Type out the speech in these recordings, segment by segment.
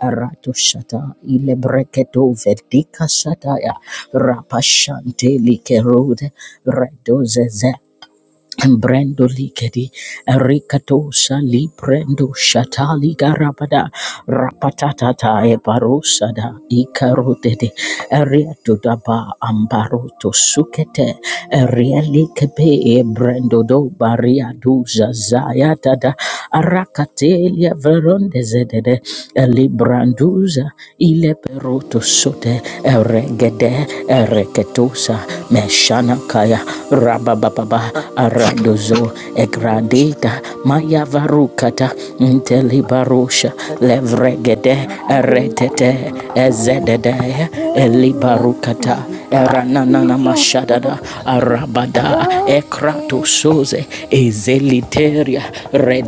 Arato shata ile breketo verdika sataya rapashante likerode redo zeze Brendo Ligedi, Ricatosha Librendo Shatali Garabada, Rapatata Ebarosada, Icarotede, Ariato Daba Ambaroto Sukete, Arieli Kebe, Brendo do Baria Duza Zayatada, Aracatelia Veronde Zedede, Libranduza, Ile Peroto Sote, Erege Regede Jesus Ereketusa Christ, Meshana Kaya Rabababa for Aradozo the nation Egradita Maya Varukata Intelibarusha that Levregede I Eretete Ezedede will build a Elibarukata people Eranana for Mashadada Arabada Yahweh will Ekratusuze Ezeliteria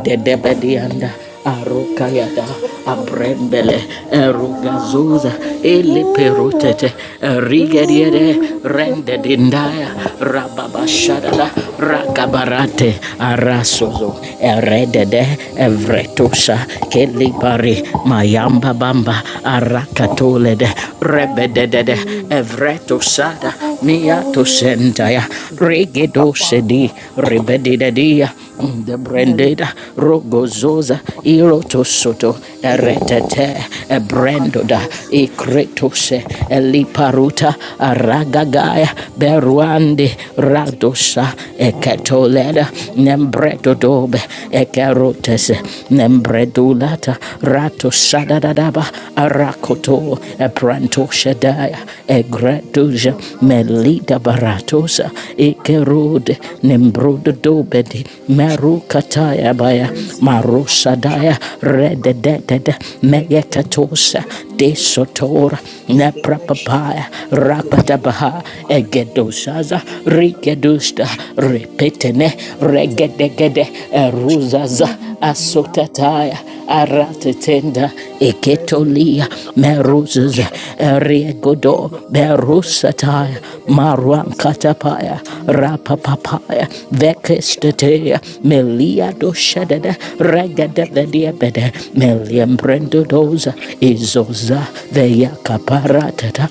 I be. arukayata People for Yahweh abrembele erugazuza iliperutete will rigeriere I rendedindaya be. People rababashadada rakabarate arasuzu eredede evretusha kelibari mayamba bamba Yahweh will arakatulede I rebededede be. evretusada miatusentaya rigidosedi ribedidedia Mm, the branded rogozoza irotosoto eretete ebrandoda ikretose eliparuta aragagaya beruande radosa eketoleda nembretodobe ekerotese nembredulata ratosadadadaba arakoto eprantoshedaya egreduja Roja Melida Baratosa Ikerode Nembrodo Dobedi maru Kataya Baya Maru Sadaya Redededede Thank you for Meyekatosa the proposal. Desotora We the election Neprapapaya goes into the Rapadabaha man the Egedosaza political Rikedusta election. the Repetene Executive Regedegede Eruzaza Sushina Asotataya Those who Aratetende lead Rinda the rest of Eketolia those Meruzes Apakasha, Eriegodo Ege, Select, Berusataya Elebele, those who Marwan said it Katapaya in the prison, those who Rapapapaya Shatana Vekestetea Susan, Melia Imana Doshedede Kata, Regade Shas, those who Vediabede read Meliam those who support Brendodoza the election, Izoza Veya Thank Caparatata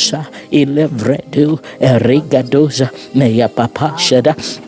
Thank you. you. Ilevredu Erigadoza Meya Papashada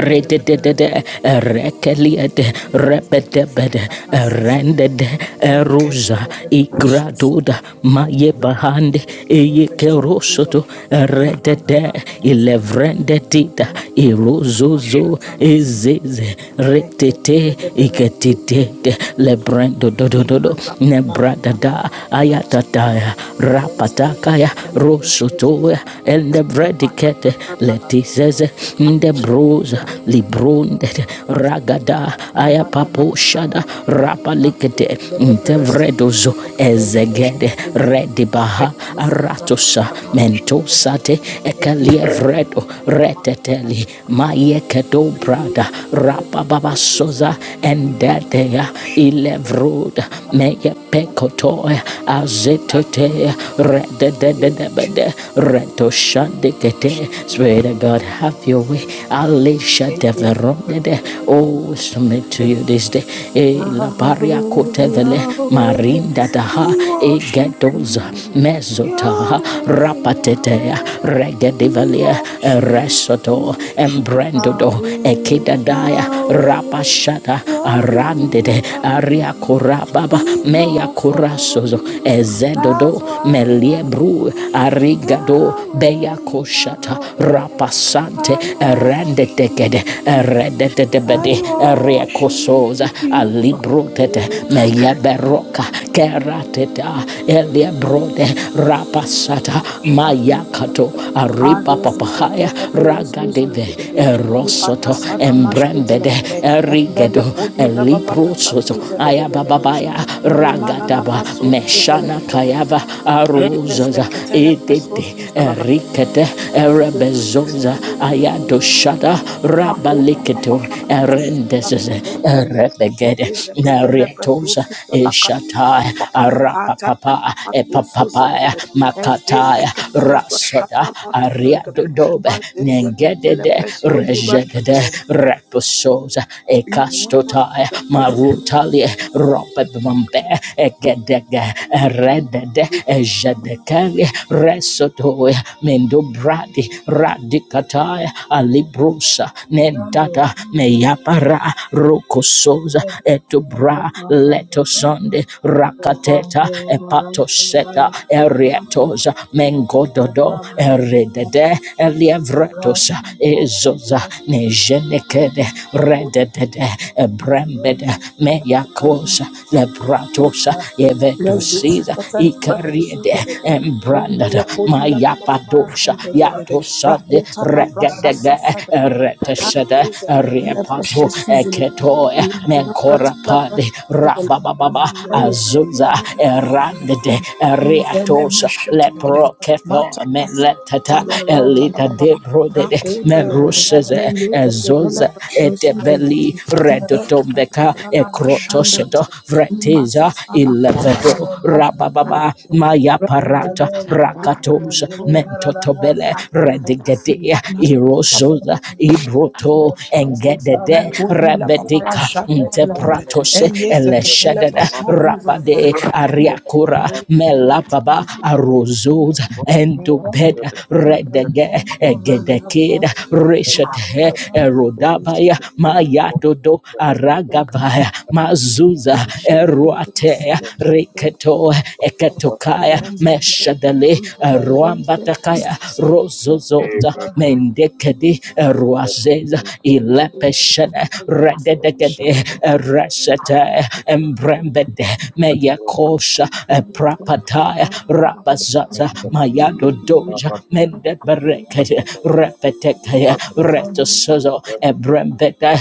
Rededede, rekeliede, rebedebede, rendede, erosa, igraduda, maye bahande, eye kerosoto, redede, ilevrendedida, irozozo, ezeze, retete, iketitete, lebrendo dodododo, nebradada, ayatata, Thank rapatakaya, rosoto, and the predicate letises in the bros librundet ragada ayapapo shada rapalikete intevredozo ezegede redibaha aratosa mentosate ekalievredo reteteli mayekedo brada rapababasoza endeteya ilevroda meyepekoto azetete redededebede retoshandekete. Spirit of God, have your way. Alisha deverondede. Oh, submit to you you. this day. E la Yahweh, paria kotevele Yahweh, marinda daha we e worship gedoza you. mezotaha Yahweh, rapatetea Yahweh, we regedevalia worship resoto you. embrendodo Yahweh, ekidadaya Yahweh, rapashata where arandede would I aria be korababa if meya not for korasozo you? ezedodo That's why I meliebru sing arigado beya Yahweh, koshata Yahweh, rapasante I worship erendetekede you. eredetebede I eria worship kosoza you. alibrotete to meyeberoka kerateta eliebrode rapasata mayakato aripapapahaya ragadeve Erigede, you. Erosoto, pass on a mash to the Embrembede, day. And Bella Erigedo, Cody la Baba Eliprosoto, Susan. Ayabababaya, Meduni Manana Ragadaba, Maso to Meshana the day. Kayava, And this the Arozaza, Catella Presos Edede, to Erikete, Erebezoza, the Ayadoshada, day. Rabaliketo, Rakota la brasha sasa da da da. Erendezeze, Erebegede, Nariatoza, Eshatai, Arapapapa, Epapapaya, Makataya, Rasoda, ariadodobe nengedede rejedede repososa ekastotae marutalie ropebambe egedege redede ejedekeli resotoe mendobradi radikatae alibrusa nendata meyapara rokososa etubra letosonde rakateta epatoseta erietos mengododo eredede elievretos ezoza nejenekede rededede ebrembede meyakosa lebratosa evetosiza ikariede embrandada mayapadosha yatosande Rakota la brasha regedege sasa da eretesede eriepato eketo Menkorapade da da. Rabababa Praise Azuza Erandede the name Eriatos of Shota Legere. Lepro Kefo Mata Kasa Meletata Tala Kota La Elita Baba Ba. Debrodede Rakonda Lebere. Meruseze Enge Zegedele Ezoza Basho Suzo Etebeli Legere. Idele Redotombeka Mashota La Bashanda Ekrotosodo Legere. Imasa Vretiza Sala Kota Thank Ilevedo La Bash. Rabababa Maya Parata Reki Thank Rakatos Mentotobele Redigede Imana La Ba. Irozoza Ibroto Thank enge Gedede Rekodi La Papara Rebedika Shaka Tele Legere. Intepratos Enge Zeketele Eleshadada Basho Suzo Rapade Legere. Ariakura Melapaba Arozuz Endubeda Redege Egedekid Reshate Erodabaya Mayatodo Aragavaya Mazuza Eruatea Riketo Eketokaya Meshadale Ruambatakaya Rozozota Mendekedi Ruazeza ilepeshene rededegede you. resete embrembede meyakosha Santo prapataya rabazaza mayado doja mende mendeberekede repetekaya retosozo ebrembede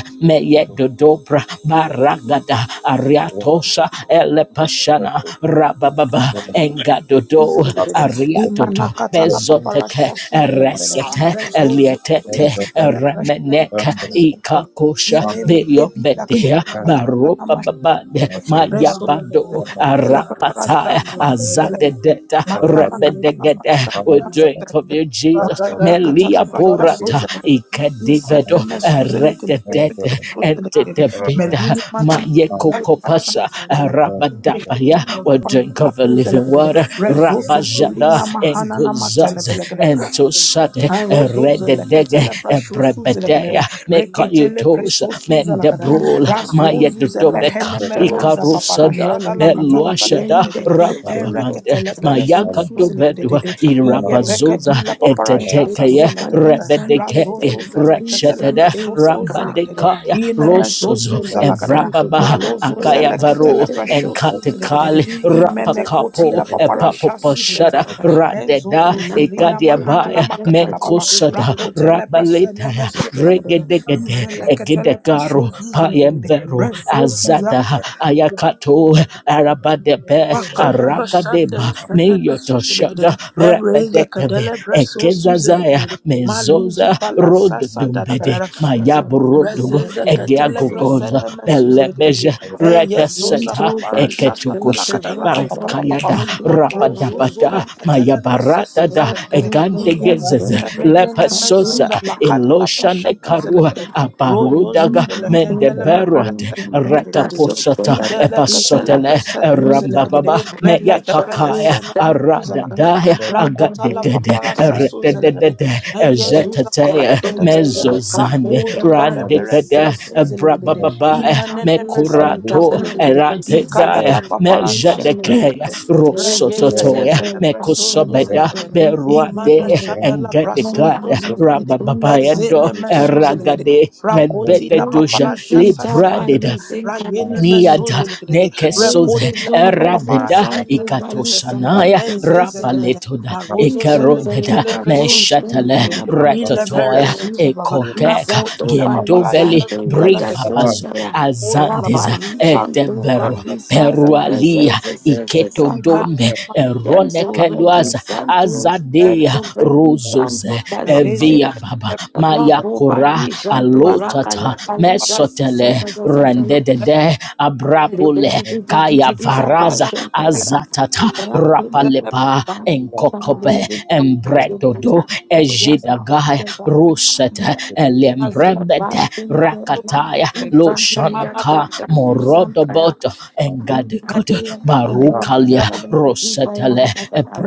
dobra baragada ariatosa elepashana rabababa engadodo Zelekedede. ariatoto Imanakata la bezoteke paparasha su zelekedede. eresete Rezozo to elietete leketele breshene eremeneka mesu zelekedede. ikakosha Inemele bila beyobedea katala you. pala sana baropa mashi babade zelekedede. I Rezo mayabado zelekedele paparasha arapataya na masu zelekedede. azadedeta Matala katala rebedegede prasha na we masu you. drink of zelekedede. you That jesus that Matala that's beautiful. katala melia God, prasha su porata zelekedede. Isele ikedivedo that's really mesu nice. zelekedede erededete presho su Ah, zelekedede. that is a Entebeta Meluni nice manana thing. katala prasha Mayekokopasa su zelekedede. rabadapaya. It was will so drink happy. of the living Uzelekelele. water Rezozo Rabajada solina mahana na Enguzaz matalebelekelele. Entosade Arozo Rededege zeleketele prashosu zelekelele. Ebrebedea Reketele Mekayutos presosu zelekelele. Mendebrol Razozu zelehene Mayedutobeka meroza Ikarusada paparashada lakata Beluashada lapalededede. Rababa Ereketelebele Mayaka dovedwa susuzelekedede. irabazuza Iyebekadila paparashaza etetekeye saladadada. rebedekede Razozo zeleketele reshetede presoso zelekedede. rambadekaya rosozo Inemezozu zalakadada. evrababa Marozo akayavaro zeleketele presoso zelekedede. enkatekali rapakapo Imenekotila paparashasi epapoposhada selekede. radeda Enzozo and now, Father, zolina so mahanana ekadiabaya do let makatala us be baba. menkosada believers Rakotele presele rabaletaya mesu zelekedede. regedegede Izeleketele egedekaro presoso payemvero zelekedede. azada ayakato arabadebe Wakadala arakadeba shandele fene mesuze legedede. meyotoshada Ere repedekeve yekadele breso suze ekezazaya legedede. Maluzu mezoza pala sasa rododombede Dalagara, Into mayabrodogo Raziza katele egeagogoza presene mesuze belebeje lekete. En yezuza reteseta papara shasa Belgium, eketukus tala the katala Russians papa are papa barakayada papa. becoming Marozo Canadians. zo rapadabada The maya leketele barata presesi da zelekete. Russians egante In gezes yezefe Belgium, the menyene Russians lepasosa going mezuza lakada la eloshane prashasi karua zelekete. Ro aparudaga zelekendele pepere mendeberate sesi that's zelekete. what they rekaposata that Ide that is leketele that epasotele presesu we just zelekete. rambababa go Mele meya depele travel kakaya sene spend mesuza lakata. aradadaya on board that Rakota la we agadedede papara sasu zelekete. rededede En spend yezuza that ezetete from the pakata. come mezozande to the Rakodi le bar is pepere se randekede simple suzelegede, brabababa. Thank imanene mese Mekorato suzelegede, ikada Eradedaya la papara sa suzelegede, Mejadekea reyeze Rosototoya ketele preso Mekosobeda suzelegede, imana Beruade shada la braso Engedegada see. suzelegede, Rabababayando ezene Thank mesuzelegede, Eragade and rakoti la bededuja papara shasa Libraded sadadede, rayene Niada you. mesuzelegede, nekesoze Renzo rekodi la papa Zumba papara eradeda Santo shandele Vali sesedede, ikatoshanaya ezeze Sampedisara. kedede, rabaletoda marozo Lizon zele ikerodeda ketele Zayada preso Bom Shempa meshatale suzelegede, Abuti ilebere ratatoya Santaya. zuzababa, ekokeka Rakota Lizato la papa Bali la gendoveli Santo shaza sala Yeda de de de. bribabazo Suntaya. Rakota la azandeza papa. Rapali Shanto Raruto edebero Bali de de la Santo presa. perualia iketo Iman Bezezezezaka. dome masala Tento Vali eronekeluaza Santo lele azadea Teto Vali rozoze Santo merezi Kazizera. evia de baba la Rapo mayakora Bali Shanto iman alotata Rakala Kaliza para mesotele Sisa rendedede shaza abrapule la kaya de de varaza la presa. azatata Ida la rapalepa enkokope papa embredodo hey ej yes Jidagai Ruset aze Elembremed paso Rakataya de de. Iman la Loshanaka Morodobot Nessa de. Engadikot Mentole Barukalia la papa Rosetele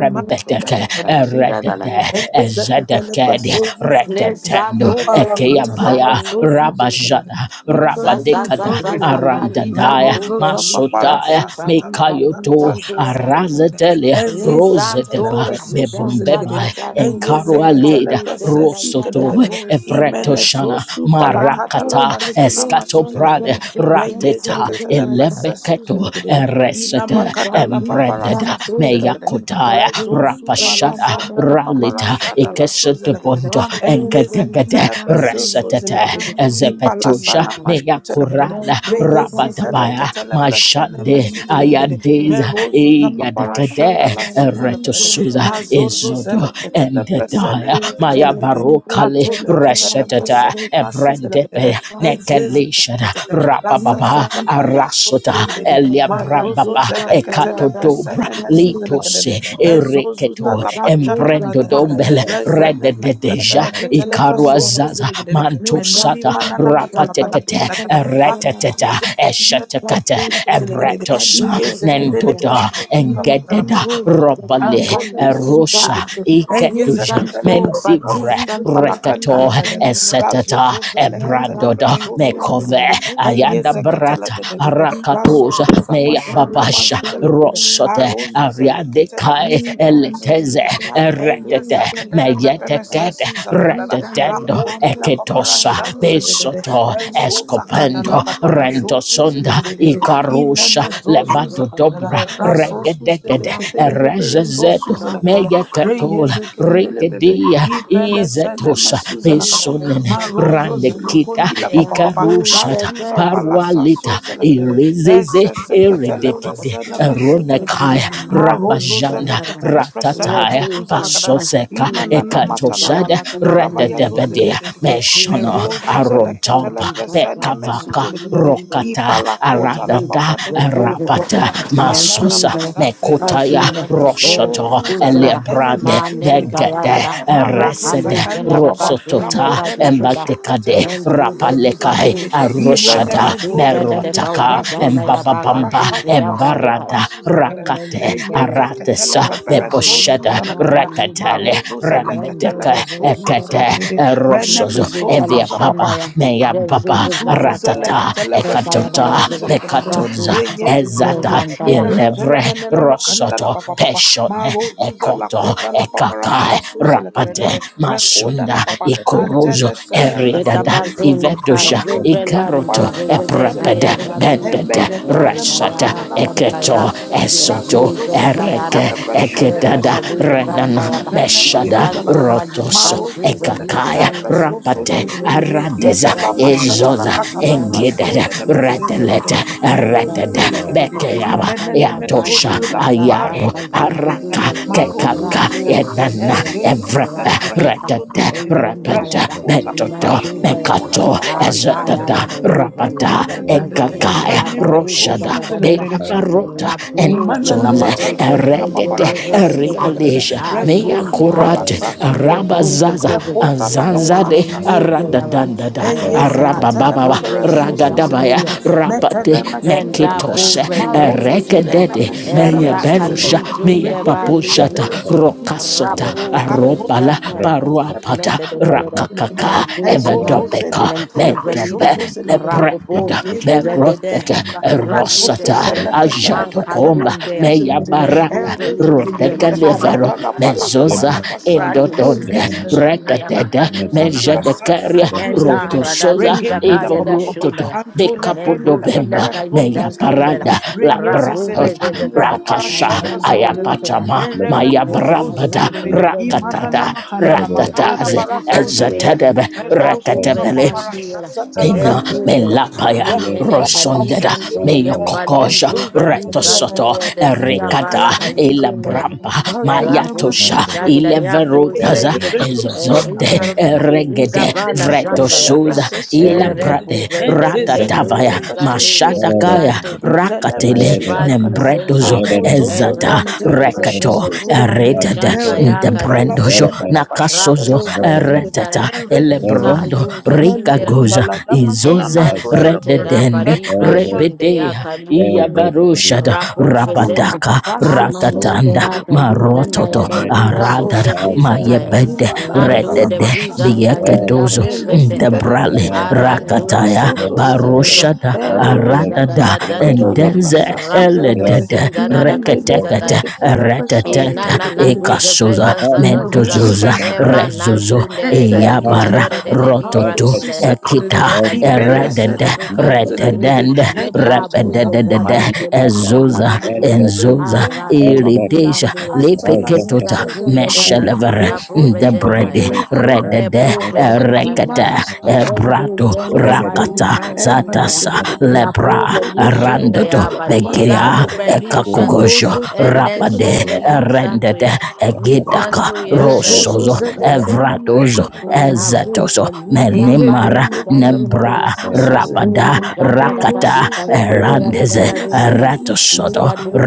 iman Eredede Enge zekatele Ezedekedi praso zuzelegadade. Retetendo do Nipa la Berlim, katala Ekeabaya praso Santo zuzelegadade. Rabajada Nika Misa sa nime Rabadekada sa so sa sa zelegadade. vali Arandadaya santo Merozo za veli papara Masotaya santo shasha vali tala katala kali Mikayoto prasha santo yada. zetelegadade. Arazetele Enge Ni zekatele Roseteba santo praso so visa cha Bebumbeba cha zelegadade. da do Enge Enkarua velen zekatele Leda kalu prase senta si yada Rosoto kadadadada. po senta ya. Imene so Ebretoshana su palakada la Rapo Marakata de pasana de de eskato masu Prade de zelegadade. de de Reye de Rateta de zekatele vasa. prase su Elebeketo zelegadade. Ina Go Eresete makada la vali papara Embrendeda sasu santo veli Meyakodaya Rezo santo su vanda Rapashada da palasanda da la Ralita ikesete paparashada santo. la sozelegrede. Ikesotopondo Rapo Eye veli Engedegede zeketele preso santo Resetete sozelegrede. veli Ezepetusha Ipalasana santo. mashutelegrede. No, Meyakurala Thank you. can Reye be Rabadabaya zizeleketele presene a Mashande man for mesuzelegrede. You Ayadeza Merozu za you. can paparashada praise Eyadekede la suzelegrede. Eretosuza and Mazozo Ezodo zeleketele presene endedaya maya mesuzelegrede. barokale Matoleketele reshetata presene masizelegrede. ebrendepe nekelishada Enzezeketetetete. rabababa Rasasatapaya arasota sozelegrede. elia Mazozo brambaba zeleketele ekatodobra You presene be for mesuzelegrede. litose Ezozuza ereketo la Nuestra pashata gloria, la da da da. Padre, embrendodombele Rezene redededeja la mesesele ketele gloria santa, prasozo ikaruazaza zilegedede. nuestra Meluni mantosata manana gloria santa, matala nuestra bala rapatekete da da gloria, da. nuestra gloria, ereteteta Razozuza la ketele nuestra eshetekete prasozo zilegedede. ebretosa Iyeze kedele santa, nendoda prishozuza la da nuestra da. engededa gloria, robale saca Azora luz masuzi erosa santa, legedede. Enye ni iketuja zakatele santo, pasan padre mendivre asuzi santo, rekato palakanda la da da da. vacaciones, Razo eseteta zozo lekatele nunca santa, Ebradoda ni prasho sozi mekove legedede. Enye ayanda santa, zakatele brata da da da da. ni Razo rakatuza gloria, susa meyababasha santa, pashana gloria, babasha masuzi legedede. gloria, rosote Arozu santa, ariande zelekatele kai you prasana can live masuzi eleteze legedede. that Enye live eretete the zakadele pepere dream that meyetekete sesuza la da you da. can live retetendo that Rakodi la dream papara eketosa sometimes before shanze you da da can da. besoto stand and and so believe in this. sakada la escopendo papara shozuzi rendosonda is the legedede. back ikarusha Ineme of the zozuza la da da. lebadodobra book. regedegede Now, Raso pepere please so erezezedo suza la stop. kadada. I megakatola Reyeze kendele bebe. rekedia Ipele sene izatosha mesuza la think kadada. when pesonene Ma that is rozo done, randekita zulukundi la papa yeah, papa. do La ikarushata the zuza best. pala sa parwalita suza la kadada. irizeze Ese se ketele iridekide presene meshuti la kadada. ronekaya Ma rozo zele rabajanda ketele presene ratataya mesuza la kadada. pasoseka Ima nana mata la ekatoshada bala kadada baya zoze la rededebedia kadada. Me meshono rozo zele ketele arodoba presene pekavaka mesuza la kadada. Money, rokata Ipala kota la aradada papa dada papa Repose the papa rapata papa. Marana masosa mazazele mekotaya Ashun, ketele Air roshoto brezozuzele Fusenda, Eliabrande, enemezuzele Manem kedede. Vegade, Tarada, Marozo Eresede, Rahalush and zakanda baba. Adapashun, the Rosotota, Rakodele Vatisita, Embatekade, beshetetele Mentu senemezuzele Brediva Rapalekai, kedede. Kushe, Aroshada, Aratu Irenemezuzele Freda de kedede. Merotaka, Paulizanda Razosusa Yabaka Embababamba, parashata Zuzida la sana Balekaya, Embarada, masuzele kedede. and then Rakate, to Eye Beleza, zeketele Aratesa, that pepere is the Liza Beposhada, zozuzele kedede. Napalu Bella, Rekatele, Marozo and zele then go ketele Remedeke, the Bolivia, pesozozele Ekete, kedede. Reneme Erosozo, Mutuzubala Evia sosuza papa. Baba, Shandaya, Meya Baba, Rezuzuvala Azuzuza la Kayada, Ratata, katala Notaya pasana Ekatota, Bayazova, masuza la kadada Bekatoza, Rapuziza, yezezede Ezada, ina metela Elevre, menena makanda la Rosoto, papa papa Peshone, marozuza la ekoto kota la papa ekakae rasha suza la rapate kadada rekoda masunda la papa ikorozo antela sana eridada masuza la kadada Yetabazone ivedosha rayozuza papa kazuvelandu ikeroto rasha zezeze suza la eprepede kaya kadada tabuz bendete embede kadala rantaya resete da mahana na matala da da eketo santaya da da esoto razozo yevuze la kaya ereke da katala pasana weda eketada da masuza la du kadada renana rantaya ba izana meshada masuza la bizantu kadada bali rotoso santu marozuza la bali ekakaya katala chandu pasoso rapate la kadada kazuzu aradeza Isa kada la you. kala mashata la ezoza Thank katalam kuzira da ba rasho engidede de la besese netasu de retelete de neta merozu eretede tu da da da zelegede de da bekeaba biza imenene Ya chaya tosha bazu mezosu la gada ba Ayaro, paparashata de de kazuzu du de Araka, da marozu Kekaka, zelegede rapu Enana, sentaya ezeze Evrepe, katala rakusuka prashasu Retete, zelegede de Repete, eyandaya da resoko Metodo, taparashata Manzuva la ya katala Mekato, anta paparashan de ya de Ezetada, da da zuva la Rapada, da eyeze de da de da da Enkakaya, kala rene da zuvi da Roshada, mezosu da da da da zelegede Beavarota, rapu ze Imanana ze Endosonze, ze matala ze katala ze ze Eregede, ze ze paparasha ze ze ze suzelegrede. Erialisha, Reso Mea su ayunta ya palasa ze suzelegrede. buve Rabazaza ze ze ze Rekota la Anzanzade paparasha emenyute ya wa suzelegrede. Aradadandada Eye ora zeketele Arabababa kapu ze pepere so Ragadabaya suzelegrede. Metele Rabate me Nenda suzelegrede. Meketoshe Marozo bovelendo jeda zulegna me Erekedede shene me era Meyeberosha suzelegrede. kalusion de Regede de Meyapaposhata pepere balizinga so Rokasota suzelegrede. rapo Azozo Arobala vreshanta ya zeleketele Paruapata nenda de de de de suzelegrede. Rakakaka kazun zena Ezozo Evedopeka nempo zeleketele presho velida Medobe zuzelegrede. rapopo Lepredida Ragele de me de de Beroteke ratu de Rasoso Erosata de de selekete man lepesele Ajatokomba kazun de pesuzelekede. nempo Meyabarada veli Enrozozo lekede. Rodeka yercha balu Levero Ratalapala Mezoza you. katalapasana ratu do Thank Indodonda se masuzelekede. you. shanda ya Rekatada bakalu Enzesekete Meja de zinga lepesele Caria Roto mesuzelekede. Mendara da Sosa duza Regedi la Evo kaya da papa papa. Rototo shunda. Anto lekende Mengo vila Becapodobemba lepepepe kaida Meya sosuzelekede. zuvela. Parada Rapu Labratosa veze Reyezezelikudila veze. Rakasha paparashaza Amanda zadadada. yuko Ayapatama Maya and my Brambada life is Eremesosozelikudede. Imanana Rakatada relevant. But mahanana my mahanana Ratataze progress is unto it. barasozelikudede. Ezatadebe Rapo Resosuza Rekatebele Vesantiera, paparashaza Ina and talakadadadadada. Nimene melapaya Nimene Rekudala rosondeda Calizanto, pasasozadada. meyokokosha balizo Velizanto, Ezezekedelebe. retosoto the desiza erikada Fala Kazo- Calizo, Mea, ilabramba kazone Erapo mayatosha Vichanda, masuzelikudede. Yabo ileverudaza Reketele Sende, Eris, ezozonde presosuzalakadada. eregede Codiza Vala Zikatala Shandayaka, vretosuza prasesu zelekedede. Erepo ilabrade Enziza Vendende, Luz ratatavaya katala Vizanto, prasosu zelekedede. mashadakaya Calizanto, Nitala rakatele masuza Yebali lakadada. nembredozo senzeza. Amozozo ezada Reta lekatala Erendu Rekato zezeze prasesu zelekedede. vumani Eretada shanta the Meruzu yaka bala brandojo lizeza. fanda la prashada la Nakasozo Rapu sezedede. vreliza. Retata Enrezi Gita Elebrondo Reverend lunke Rika zizera. meludi Goza balada Supervisor magana Izoze masoza others Enasunte to rapa lakadada. Rededende livra all shunde ya those Rebedea all kalivin those who Iavaroshada rapo are Rekuta papa papa losing fesende their Rabadaka raso amanunte blessings Ratatanda suzelegede of raka ine livran na ya Marototo mekedele Reverend dogiga preso Aradada voke suzelegede zisataya others Mayebede imana nando katala others de Redede prasha vizan suzelegede all kayiga those Bieketozo po meludi fesenda bele Debrale ketele pepe Amara arando raso Rakataya Amara yetuze Amara suzelegede tuzo Baroshada ero nasu Mamati da da zuza Aradada da da pakatala dude Endenze prasa rapo suzelegede Eledede fesinza da ine da mele kaziza Reketekete daya. briketele preso Retetete Inanana suzelegede zuze Ekasoza fresa zaza Kala zuza. Maruzu Mendozoza başta Mamati Emana dönüyorum. Rezozo shundere Entele kadiza Krapati Eyabara ketele dore bebe. de de Kala libra Rasu Rototo sinza. Espeso sisele gidere. Ekita Neka zuze İpele la niza Eredede sene zuka Endapo mesuzele niza zu. gidere. Retedende E Lepa Mexico, yosu buze Repededede zatu se Ayutthaya, niza de de Ezoza de Marozo de da. Ezeko, Enzoza ara Inananazuzevrezazazazuzza. Iridesha Ezekata, Emananshunderekadizadorerelibrasinza. Nekazuzerazuzazukazizazu. Yepabuzezadukelizadududududda. Aratuzizande. Lipiketota Ezekata, Meshelevere Aminati, Ndebredi Ninzazudedakazizabuvejentayara. Election Separate, de Ezeko, Repovesitanyaya. Rekata Ezekata, Ebrado Ezekata, Rakata Rendezentabalukansantaya. Zatasa Rapo Lebra solo Randoto belishundaya kotila papara baliza Begiria sada da da da. kuvelisha Ekakogojo Arozo and sele then kedela. so Rapade release unto ya. Rendede Egitaka Mizanto yera da Bezozo Rosozo dizanto zele yera. seni masha Evradozo Unavu Ezetoso beli jamba Menimara li Irebrekodi la jamba na na Nembra na paparasasu rapo Rabada zelekede. zinga da da da di Rakata Erosu kashinde da da da zeperekota Erandeze da la da da sene meshu Ratosodo da zelekede.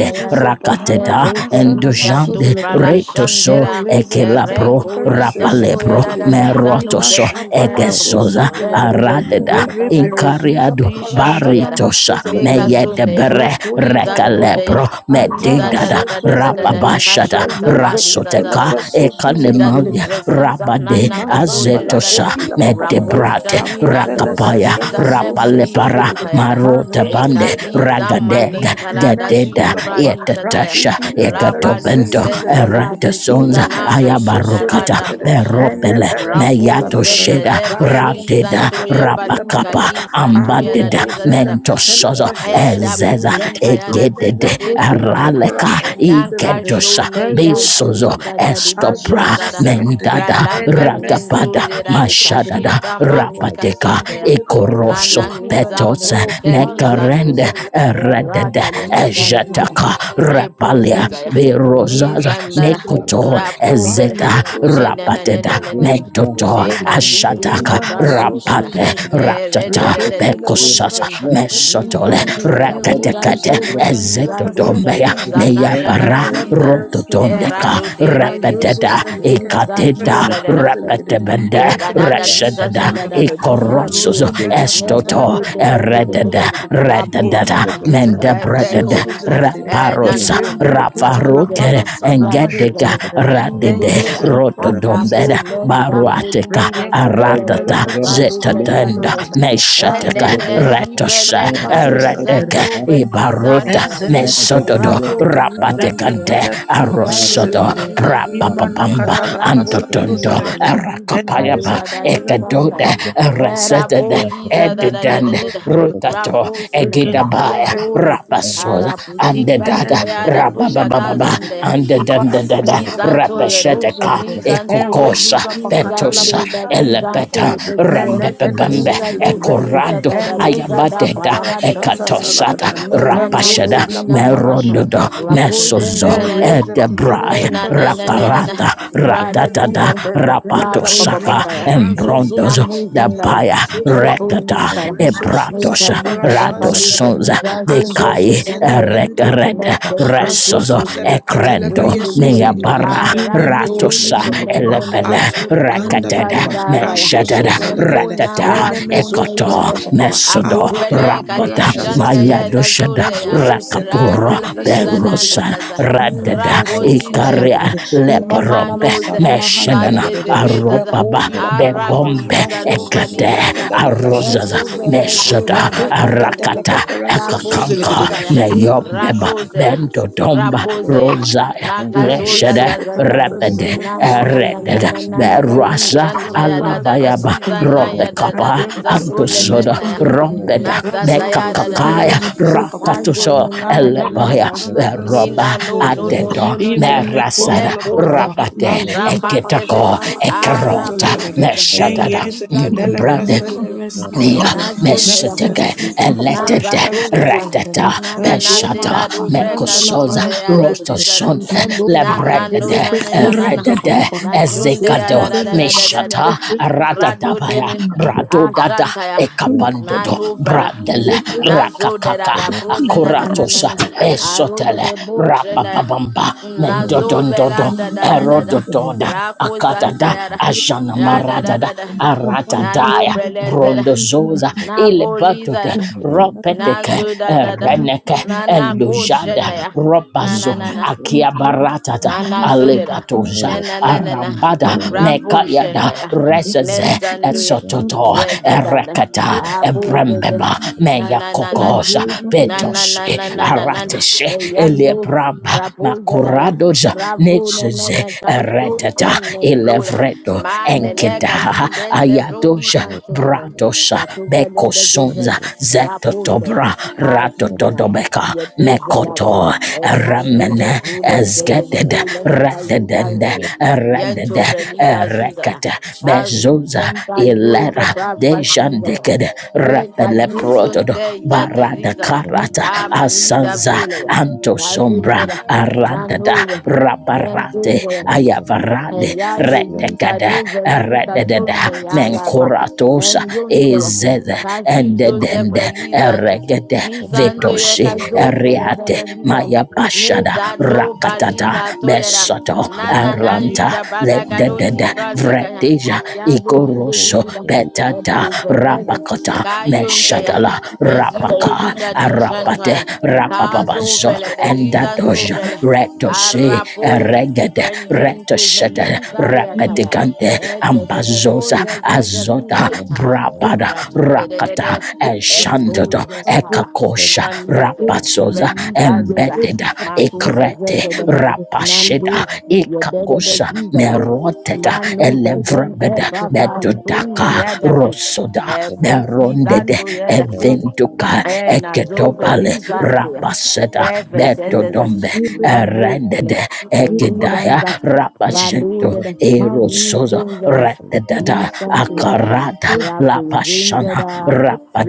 da ya da rak zapahana le rakateta zinga namasana li da maso tu endujande bala zelekede. retoso shandera Meleza ketela ekelabro erengo li paparesesu rapalebro da da zelekede. zinga no Ima merotoso shapala ra bo sosu egesoza rebo zelekede. be aradeda Thank you. da Rere da da da perezuza inkariado ri shanto and paparashana ya da maso baritosa love me zelekede. ya meyedebere ri Rekodi la za about papa papa. ya rekalebro I ri would Antara da medidada da da sosu da da da da love da zelekede. rapabashada kashun za ba Reyeze di za ketele rasoteka presosu Ida you zelekede. do ekanemalia resiza and I na rabade na Ima kaso zamba de want la da da da. azetosa koti la to papa papa Rapo medebrate shani na rakote no la have rakapaya sese le kazeza ne soso mani zile rapalepara shun tayara. ma marotaba marozo Mande it zile Ekaliza kende le pepe Ragadega manin kala da ime Gadeda zuzu and I suza papa badi shataya. Yetatasha rakuti have le my pepe character and the first time le Rabalu Ekatobento sese zile I have zendada da kedede your Eratosonza zuza ine me na soso kayi da zile la Ayabarukata da en enle Beropele bere Rapo suza la Meyato kedede zenda Sheda de rasho boli so Rateda baluka zile ye kodi la balu papa Rapakapa papa a ya da Ambadeda arozo da da da. zile kete le Mentosozo pese And so I zile Ezeza breathe kedede and tired as ime is le Egedede that day partner kodi that and I la bush was papa Araleka and rashafi I zile can blessed kedede and show Igedosa ne ya rezo I love Besozo zuza the disease Lord that papa da di da di azo and I da Estopra da zile kedede Mendada have tried and Bralanka the message Ragabada nenzo and the de da the machine di Lord and is Mashadada kashinda manika the Rapateka kind of sundaya. the ikoroso Lana Zuzu petos Zalagada, I have nizambo Mazuzu nekarende kelizantua. Zalagata, loved the the eredede Lord Eraka and I Precious lizantaya. ejetaka rapalia Reposezaya. Enketele papere birozaza Nizandara. şesuze la have nekoto kadere. loved the Rapobera. ezeta Rayozo Lord Ne zele ne ne ne rapateda ne ketele ne pe Yes, ne ne. şesuze medoto la Neka kadere. luzi ashataka İmana zuzabralanshana. sosuze rapate la kadere. Ere ratata de de de de Regedi la papara pekosasa Colizan şesuze la mesotole kadere. Zizantera, Erozo reketekete Zizanto, zele ketele pe Zizando, şesuze ezetotombeya la kadere. Zizanan, meyapara Yanakaziza, Melembere suze la rototondeka kadere. Erado, De, De, De, De, Rayozo repeteda zele ketele pe ikateta Ninkanto, şesuze la kadere. repetebende Eh, da da Redepe da di za yesuze reshededa la da da da kadere. we can ikoroso Jesus, do Marozo it. zele Ne da ketele Estoto, do pe de de de de de. Eredada, şesuze la kadere. Rabo Redada, İmene shana. ketele Eh, pe reko Mendabredada, şesuze liza. la kadere. Eh, Raparos, nandu. Manu Irembrekitala gebe. Rafaruke, palasana Ya tu Engedica, gebe. mashutalagadada. Lu Radide, zone Enyeza ya. Akamo Rotodombeda, ne telepesosudelegedede. sambo baruateka liza Reyeza zanto de de Thank de Aratata, di ba lu zekana Zetatenda, ya. kandelepeperesosudelegedede. Eh, Meshateka, ne ne si Retosa, brelenka lu Razozuzashadalasozalegedede. Eredeke, zanto beliza Ibaruta, kaya. Mesotodo, Rapo Ezemesesekedede. belizante. Rapatekande, Ibando de Arosoto, di di Reketelepesesuzelegedede. di Prapapamba, Era botin Antotondo, na Imanakatalapasasozelegedede. kali na de Arakapayaba, da da di Ekadoda, fanga. Ezezetelepeselegedede. Era reset Etende, boliza da da da da Edidende, da da. Renemezosuze- Rutato, Rafosen Egidabaya, eton. Reketepesesuzelegedede. Rapasoza, Ara and putin the Dada, banta ya da vila Rababababa, Rakoti kazonde. and the Dandada, Nizanto yera. Rapasheteka, Nizanto ba. Ekokosa, Petosa, Nizarinde da Elepeta, nizanko zegege. Rambebebembe, Nizado velika Ekorado, da da nizada Ayabateda, panada da shida. Ekatosata, Ne na na no Rapashada, di la na na na. papara na. shaza Merondodo, Rapo zen Mesozo, and zen na. raise a ketele Ne Edebrai, na pepper na na so na na na. Susan. Rakarata, Rada Ratatata, Melody Jesus. Belakenda la Rapo papa, Rapatosaka, Baba zinda ya. you. Razozo Embrondozo, Namu zinda Zelakatele ya. Dabaya, but Presoso Lepo Zelakadede rekata I lisa. didn't Resoso epratos Zapapara Mekaluga da Shaza learn baluga ratosons Talakadada how liga sonze Azozo dekai lizambe. Zelakenda la rekred Baba Baba Nese se se se resos Razoso to se se Zelakatele Thank se ekrendo se Peyeso se. let Zelakadede meabara you. Ineme Aranto Yozu ratosa ne myself papa, ne ne ne. elepele Aturu go Kanda la rekated papa, Ninjanda vaya. mesheted Razoso uncomfortable. Zelakadede Mona ratata I, Reneme vagone Zozu ekoto yege. papa baba mesodo akuda la Aprovele para rapada shaza uh, kalijane ya selekedede da mayadoshada zonde I ya. rezozo rakapura Rado zelekendele ziza besozo na berosa zelekedede nakaza. ile radada Rapo now besozo apply ziza ikaria zelekedede for the imana leporombe nama Emanuza sana meshenana mahandelekedede Mazezezeza aropaba rekodi level la in papa papa bebombe Arakuliza rasoso this week. Novaliza ekate da solekedele arozaza presheso Nezuza zelekedede Lezuza meshada meto lekedele Zazazaza arakata peperesoso ekakanka zelekedede Labuchantaya imana neyombeba shaka la Rakuzena pasa This is bendodomba the Rapozeya rozaya most Nakazoda Renzisa leshede katala Zazazan covered repede persona Na na masuza na la na na gadada. eredede na na week. na na Ipele berasa kota The la Nunchantaya da da paparasa da alabayaba sata la Siza gadada. weather Naya is da da ropekapa Radele Riza se under antosoda Brulezenaya mesuza la the gadada. level of rompeda Rezuzo Nazataya da se da da the mekakakaya weather. da peresuza papapa. Mago, The rakatuso no, weather no, no, no, is no, Andele under no, elebaya no. the level of katala the weather. roba Nina persona no la The no gadada. no level of no adedo the weather is no no no. Imene under kota the merasada level la Jempose papara. rapate of the weather. Razuza pasha rapazeze eketako tala susuza la ekerota gadada. arapoziza. meshatada Enyeze Niza the zo kadele zo zo bread zo persona zo. mesuza la Nia gadada. Nazo Meze mesheteke suza Na papara eletete shazuza zazuvela. la gadada. reteta Na na na Enzoma beshata la shida do pasanda vreka la mekosoza zunde ya parasuza da la gadada. zizara. rotoshonte Melos Na ele na no lebretede na na na na na. presos a eredede papapá, Na shunde razões ya da ezekado da When da dela da da da ele da meshata da. presos ele Rado ele radadabaya dene. bradodada Ashanta ya. you play, Na ekapandodo no brala. play, bradele Na zo de rakakaka da the da rest bruise na na na na akuratosa, na. is under Aro de besotele bush na ya. rapapabamba Na zo vela mendodondodo da da da da da. erodododa Rako the level zanta akatada of ya da. presos the Ra Thank da da weather. ajanamaradada da da. para Na no aratadaya brele zera. brondozoza Na voli ilebatote Thank zara you. a na ropeteke zuda da da ereneke na na ko shenda elujada ya na na robazo na na fila akiabaratata na na zuda da alepatoza na na na na na arambada rabu shenda mekayada ya ne reseze zandu ya esototo ye da da da a erekata coisa abu zede ebrembeba na na na na na meyakokosa melos ele na na na petosi na na na na na. arateshe mal Eyando elebramba rapuzela ya makoradoja ravu na na nezeze na kanshon eredada ten mendora elevredo man ne mal mal ne ka enkeda you den zevroli ayadoja kanshon ten bratosa ya to vela de bekosonza jozera rapuzela zetotobra kazizela ya ratotodobeka ye to vela da ya mekoto enan to ramene rebule de ezgedede zevrole na ka you rededende bancho ya yen to redede veli da zuza ya erekete kazu bezoza den ka you de ilera bra dej fasiza ya Ishandeked ye ka you son Rapeleprotodo te ya de Barada ziza Karata amaniza Asanza vule Antosombra nazindera Aradada nanure Raparate nenzinze Ayavarade eyado ziza Retekada dovrelika Redededa sonde yaraba Menkoratosa enyonte Ezed kazizo Endedende zevrelizanto Eregede nizanto vetosi yekazonte Eriate yaradadiza Maya Pashada neza do Rakatada baliza toyera Besoto nana na mal mal Aranta yuda badagado Lededede zibralika ya Vretija yado Igoroso didedidida Betata eprovevede Rapakota, kayonte ya Menshatala, Rapaka, bezivrodida Thank you. Arapate, dishantoya Caso Rapababanzo, vele de riganto Endadoja, vele Retose, arapo Regede, rendento Retosete, velinta yataya Rapetigante, ete de de Ambazosa, voce de de Azota, fushenta Brapada, rato de de de Rakata, de ento Elshantoto, vestaya Ekakosha, manise Rapazosa, velisa zoza Embedded, macuse vese Ekrete, de nanto Rapasheda, yo de de de Ikakosa, zizaba meroteta manu ke zente elevrebeda bava sunne metodaka yadabre rosoda e fusi merondede dando evinduka Eh, na zove eketopale lizante. rapaseda Pepe sezeze. betodombe Na mokele. erendede Eh, ekidaya lizanza. rapajento Valudede. mal erosozo Nizongele. retedada Lord, remove Nizantiyara. akarada Rako lapashana zunzeda.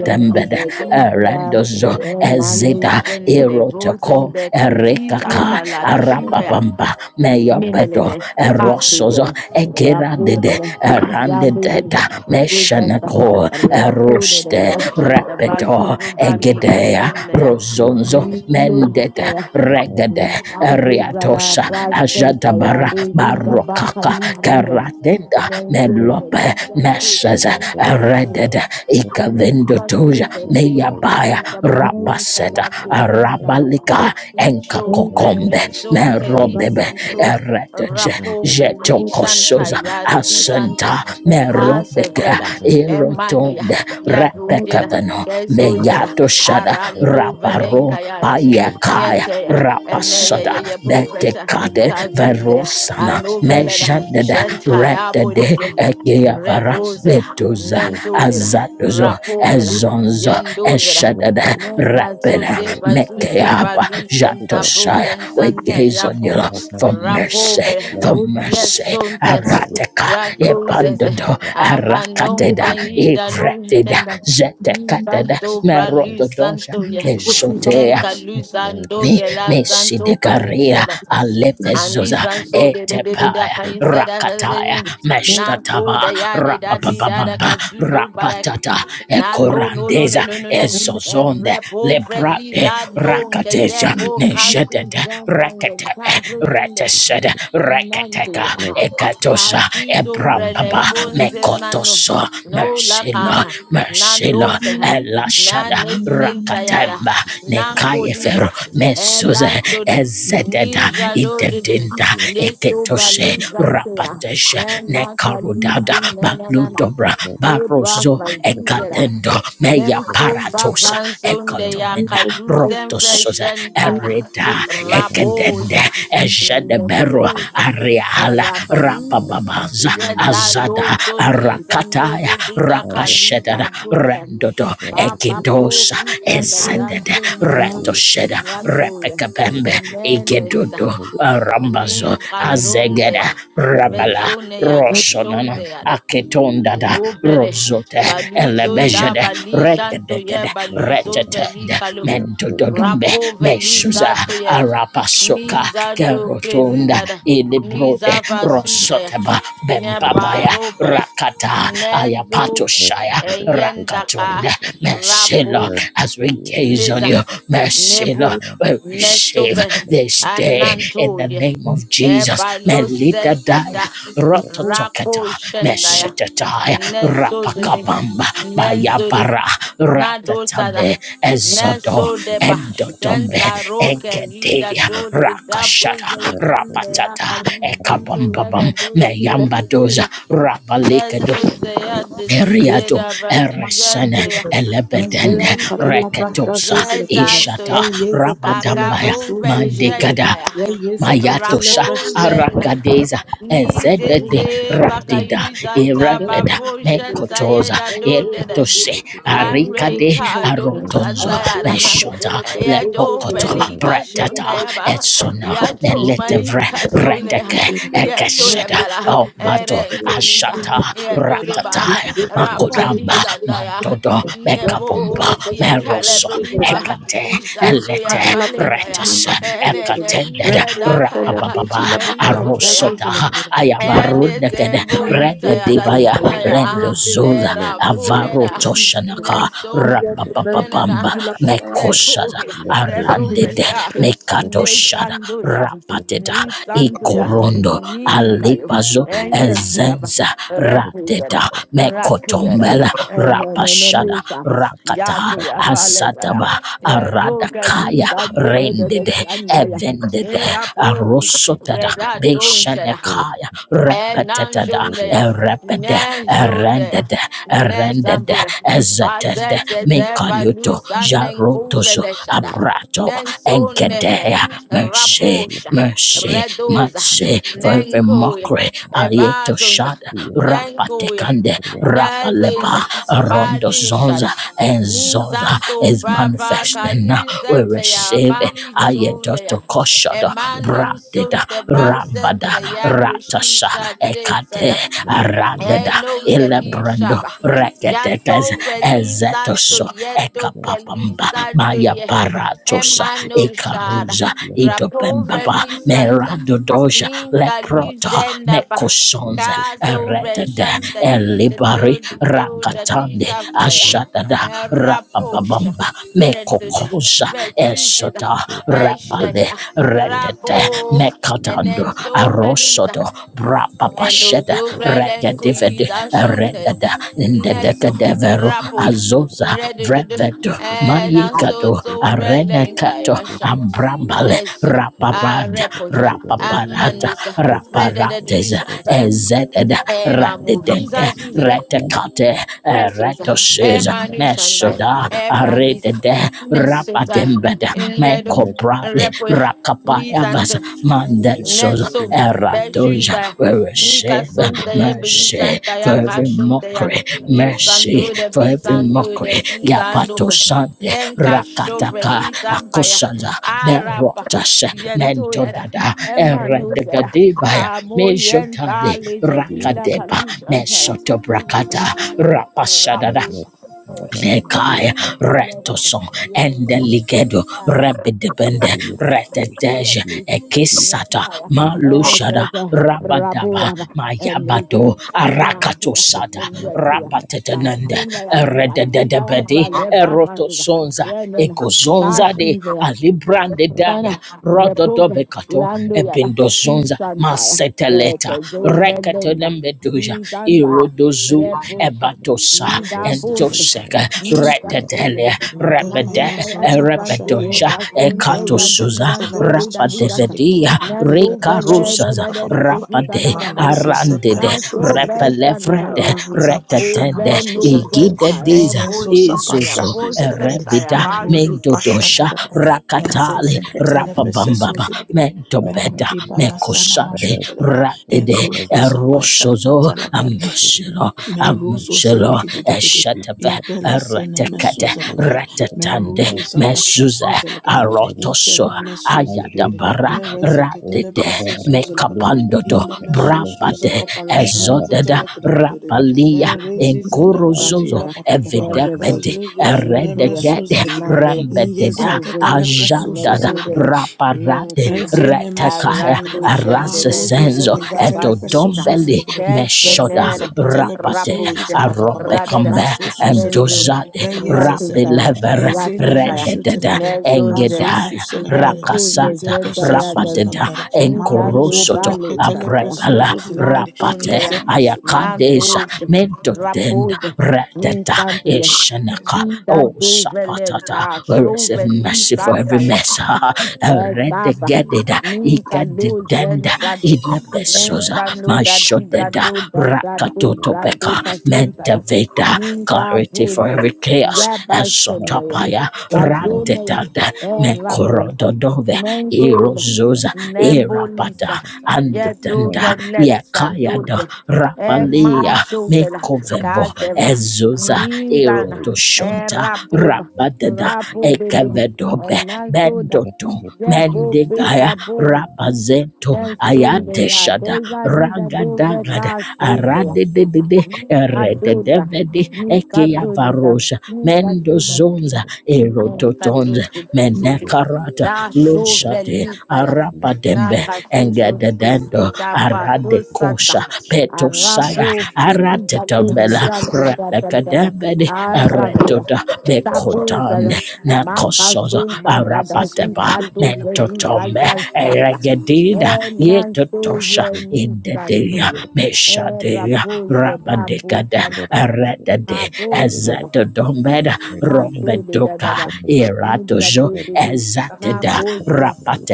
us the bezinzeda. erendozo Eh, manu ezida shendede. Vosen erotoko de poziza team erekaka fralada. with us, Shida arapabamba meyopedo Minenene, break erosozo Hasugo, egeradede Rapugana, Yadudin, erandededa Usanta, meshanako Ratude, eruste Ashanta, repedo Vasuzu, Brali, egedea Kasundaya, rozonzo us, mendede Nizundaya, regede the Nazizada, eriatosa Brasanta, ajadabara peace, Yaduzinga, Baka, barokaka Nizunga, karadenda Lord, Nensuka, melope Nizantuka, meshaza eredede Nizantuka, ikavendotoja Nizantuka, meyabaya in the bright marry things that rapaseta last is in us, that arabalika in and children enkakokombe lezonte back merobebe bisanto eretge rapo on belishan jetokosoza tayad bisanto asanta us, this, merobeka Casevreda, Emmanuel, erotonde marry, who Yavrida, repekadano Yazuzera, meyato shada Arando raparo Vedengaya, that's payakaya Niente, and rapasada Naya Progressa, betekade Kazude, verosana and Obreda, mejandede Gentile retede Bolize, egeavara Reposera, betuza Nentodera, azadozo take, Rapobera, Thank ezonzo Yendozera. eshadada Nunca rapida zote bazuze mekeaba foot, baluzen tabu jatosaya. ken We santa gaze on you yapo for mercy, rapobe for those who goes, yes mercy. sunte Arateka this, Rakuze ebandodo who goes, Amanonga arakateda ida evretida lutenda. zetekateda Banto brali merododosha santo ya. who's up, esotea Nenka luzando me gela mesi zanto brali dekaria sada. And these alefezoza and so de de de de de etepaya can you say rakataya that? marry, Not so meshtataba the yada da ya de da di da da rapapabamba kazuzo rapatata Na no no no no ekorandeza no no no. and make ezozonde Repo lebrate velida donke rakateja us, yebo kasu neshetede zemanye reketebe kavrelinde. retesede reketeka Nandia. ekatosa Kajizo brele ebrambaba and fonse mano. mekotoso No eat, Mashela, laka. Na no Mashela, se ha. Na Elashada, ne sentayada. Rakatemba, Nan like, Nekayefer, kolisa. Mesuze, Elan sode. you. man, Ezededa, Ninja do de de. Idedinda, Thank Ne so Eketoshe, balizantea. Rapatesha, Ena Nekarudada, kalizun na na na. Baludobra, Nebra Barozo, Vazizera. Ekatendo, eat, Meya Nenson Paratosa, Bavan Sunde Ekotomina, every Yakaluzen of Rotosoza, this, Freshentaya. Ereda, Ekadende, Raposa. Ejed. Adebero Lendoza. Ariala Erakaluza. Rapababaza Yeta Azada Loto Dizando Arakataya Dida Rapashedada Kaluza Dozan. Rendodo Papa Po Ekidosa Richard Esedede Dazentaya. man, you. Retosheda Ratoya. Repekabembe Emenes. Igedodo Rambazo Ninka Azegeda Zonea. Rabala Venzone and Rosonana Yakashonte Aketondada Nobele Rosote baluzon da Elebejede balijan to Regede ye regada baluzon veli retatanda kalo mendododombe rapo veli meshuza zato yera arapasoka niza do kerotunda prezizada ilibrode niza vasuta ya Rosotaba ne bembabaya paro per rakata nenzo ayapatoshaya enyenda ka rakatunda rapo mesilo as we gaze on Neza, you mesilo Nevo, goes, we receive Mesove, this day in Ananto, the Ye, name of Jesus Ebalo melita die Zedada, my voice, rototoketa Rako Shendaya, meshetetai Nenso de rapakabamba Nenzo de bayabara Nado ratatane Sada, ezodo Nenso de endotombe Bashenta Roke, Rida enkedea do de Dabu rakashata Thank Zanjambea, rapatata Kalizanto, Yada ekabambabam do meyambadoza de rabalikedo Nenzo Zaya, the Eriado, Zizeda, Eresene, Radizandea. Elebedende, Razusa Oranje. katala prasha Reketosa, susu Yes, santo Ishata, ya. Rabadambaya, Acabrum venchenda Mandikada, Mayatosha Raposen. Arakadeza Ezedede Nizenze Radida vakayuzanta Iremeda babo shanta Mekotoza yeda do dede. Eletoshe Arikade Areka don santa Arotonzo yada. Meshota Eya do Lepokoto velika shone Pretata yaba. Etsona Ya Thank to Meletevre malika shone ya. Reteke Ya to Ekesheda yabala. Ombato Eren kolisa. Ashata Ya to deba. Ratata Makuramba Rapaliza daya. Mandodo Nevo. Mekabumba Ya kale Meroso believer. Ekate Ishanto ya Elete valenda ya. Retes Ene Ekatended nebuze Rendekede dakaya. Rapababa mensos ya. Arosota Ayabarundekede Enezemboli Rende debaya tayadazuna Rendo ya Zoza erambo Avaro da Toshanaka nenso Rapapapamba nenana Mekoshada yeko Arandede reprobesa you. Mekatoshada nesando ya Rapateda nisando ya Ikorondo ninkayo Alipazo enyeto ya ba Ezenza Rateda represada rato ya da Mekotombela Rapashada enenenusha Rakata yato ya valezada Asataba no Aradakaya galita do de de de Rendede shanda ya Evende Regede erapo Arosotada vedato shada Beshanekaya Enan Repetetada shundaya, Erepede nen you. shundaya, Erendede nen Erendede zambura. Ezetede Bazezeze Mekayoto valusa nen Jarotoso kuvele shada. Thank Abrato Nen you. sone Engedea Mercy raposha, Mercy redoza, Mercy for nen every koya, mockery Ayeto ebazunza, Shada nen koya, Rapatekande Rapaleba nezinza, Rondo bali Zonza shada. and Zonza Ninzanto is brava manifesting now. We kalusente ya receive it. bali shundaya. Ayetoto Kosh koshada Emmanuel bradeda son te basen rambada te ya de ratasha shisha ekade de aradada Eno Kelisa ilebrando ba. reketekez Jato Relisa to ezetoso Yeto ekapapamba Kelisa do maya Ye paratosa Emano Shada ekaruza Rapo idopembaba Relisanta meradodoja Ninka leprota Luzenda Ba mekosonze Kazo eretede Reshanta Di the elibari Do the Do the rakatande Disa Flyer ashadada Raposha rapababamba Reduda mekokosa Retusida esota rapale Beshana Retete Rabo and Mekatando then so Relisa Arosoto Eno Brapapasheta dubrelen kuyi Rekadivede dashonte ya. Redada Nezo Indedekadevero rapoya azoza red Redu du du. Vreveto Ena so Mayekato so brelen Arenekato kaya sha. Ambrambale Nezo a Rapapad repo ja. A Rapaparata manusa red du du Raparates shanta ya. Thank Ezeded Ena mo Ratidente visa visa ya. Retekate Nezo za. E Retoses manu shanda. Mesoda E braliza. Aredede Nezo za. Rapatembed Redu mekoprale repo ya. you. rakapayavas Nizando. Thank mandetsos Nenso, you. eradoja. Bejusa, We Nika receive Santa, Ebedi mercy Santa, for every Yakashuntea, mockery, Nin mercy Santo, the for B every Santo, the mockery. Zinzando, Yapato Sande Nenka Shovre, Rakataka Zambaya, Akosaza Araba, Berotas Yento, Yada, Mentodada Emma Nusera, Erendagadebaya Amo Yenta, Mejotali Late Villa Rakadeba Calusion, Mesotobrakata rapasadada Rapo, Nekai retoson Rapo, endeligedo Kashinda rebedebende retetej ekisata malushada rabadaba mayabado arakato arakatosada rapatetenende eredededebedi erotosonza ekozonza de alibrande daya Bana, Repova, rododobekato Lando Yara, ebindozonza Ushantaya, maseteleta Tezova rekatone Lenda, meduja Nizantaya, irodozu Reposha, ebatosa Then raise Nidabot, endosega retetele Ninsantaya, rebede Lajuntaya, Dizantaya, rebedonja Castontaya, a ekatosuza catala Dizanto, Lida presosus Dizasha, elegid, rapadevedia near Nanto a Vele, source rekarusaza of Dada, papa, Kukusa, rapade my Dada, Dada, rosos a arandede parasos Naso elegid, my repelefrede Veshantaya. rosos a pashana retetende Over masos no elegid, and entire, igidediza both yesos a entire, izuzo pashasos both elegid, erebida my entire, rosu pasha mendodosha elegid, and rakatali the catala rapabambaba presosus elegid, my Mendobeda, rudi balasana Mekosade, mashot elegid, and Ratide, zosus a Erosozo, pasha Amshelo, Meruzo Amshelo, selikidididid. Thank Eshatave, Ipele sene Eratekate, mesuza you. lakadad. Ratatande, Meruzu zapasha Mesuze, suza lakadad. Arotoso, Intele mesuz likidid. Ayatabara, Mereze kedele presa Ratide, suza lakadad. Mekapandodo, Ine meso suza Brapade, paparashanza Ezodeda, telekidididid. Rapalia, Erezi zele koti Enkorozozo, la Bashara, papapapa. everybody, Evidepede, Razuzo zune Mentoya, mesuz Eredegede, likidid. Mandoya, Iye Rambededa, Azig, zekedele preso Ajadada, suza Mentoda, raparade Mentoya, Ezene mesu retekaya Arando zelekadada. Shende, the Marozo rasesenzo Viva zeleketele Basinta, pesoso edodombeli zelekedede. meshoda Reveze Keshanen, ketele rapate pesoso Rapus, zapapapapa. Radeda, aropekombe Razosu Menzo, zelekedede. endozade Reyeze Ratoshire, setepe. rapilevere Ezene Ratoshire, meshu rededede telekedede. Nezunze, Razosu engedaya zelekedede. Nenku, the rakasata Ize pesesu Zedayadas, rapateda zelekadada. Marozo Nitanto enkorosoto Bali, zeleketele Shataya, abrepala pesoso zelekedede. rapate Ize Nansundaya, mesu zelekadada. ayakadeza Nantush. Razosu mentotenda Raposa, zeleketele mi rededa santa ya, eshenaka mi da do osa patata. velenka, we show receive veli mercy for santa every ya. mess? Eh, Red Baba, gedida, Ninka Luzen ikadidenda, Dadu, ilebesosa, Nensanu Dadi mashodeda, Dadu Dadu rakatotopeka, Dadu Pasenta, mentaveda, Ninka clarity for Vunta, every chaos, Yabashonea, esotopaya, Razonea, randedada, Erapunta, mekorododove, Nengola, erozosa, Nembolisa, erapata, Yedo andedanda, Velesa yakayada, Dude, rapalia, Emanchozela, mekovevo, Kazera, Ezuza Mizana, Erotoshonta Erabuba, Rabadada Rabu Baby, Ekevedobe Enantoda. Bendoto Zebobe Mendigaya baboba. Rapazento Nesundaya. Ayadeshada Dega di da dove Ragadagada kasuvea. Aradedede Nikadoda, Erededevedi Ekeya nikadoda, Varosha Thank nikadoda, Mendozonza Erototonza nikadoda, Menekarata da Lushade shovelipaya, Arapadembe Engededendo nakasusususiza padosata, Aradekosha Petosaya arapo pedida Aratetambela dodida Razosu dodadadada, Rebekadembede arakura, Aretoda Bekotan tapuza, Nakosozo makasunta and raises the Arapateba dadasita liquid dealer of tovelika Mentotome yashata, Eregedida Yetotosha enansovelisa Indedia Era Meshadia pose da pose Rabadekada santana. Aretade Habo intana. Ezetodombeda One, two, de da da Rombedoka da. nida that Iratojo do de do. Na Ezateda Shatters, coast,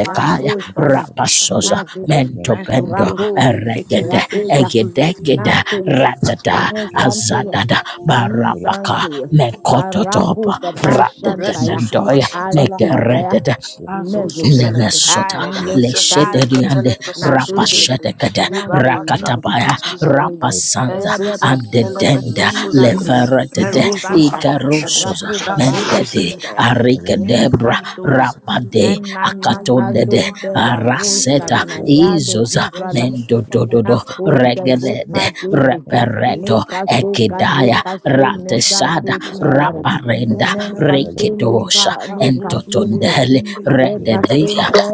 na Mana coast, for all na of Rapasosa shatters. na coast. Mentopendo Mesos, a Rapo, little Eregede rapo da. presos. Egedegeda Na koye. radada nisan dan koye. azadada Ni san barabaka koye. A rapo mekototopa papa radada shantaya. Rezuzu nandoya Pashatala Antu Kadala daya. mekeredada Baba. Azosu Menzo. Selegada. Nemeshota Areda. Yeza Kanshima. Selegatele Leshederiande Na Presusu suzu. Zelegada. Rapashedekede Na koye. Irabashana Rakatabaya Masu Na Zelegada. koye. Rapasanza Ezeze Erepo. Katele Andedenda Min Presusu santo. Zelegada. Leveretede Ni Meruzu santa. Papa Shatada. Ikarusozo Rapu Azosu Babada Mendede Selegada. Sindaya, Yeza Arikedebra Katele Nisantuda, Presusu Rapade Zelegada. Nenana Imanana Akatondede Marada Kazunte Rabu Bakatele Araseta Beyezu Zelegada. Izoza Shaninaya Rezuzu Pala na Mendodododo Katala costa de Pasha Regelede Zelegada. paduce, Ezeze le Repereto Katele. caso calo Ekidaya Rezuzu paso Pala ne Shatala Ratesada santo Zelegada. tidadara, David Raparenda ne Oliver pason de Rekidosha ca ne New de, entotondele ne York cason redeveda Thank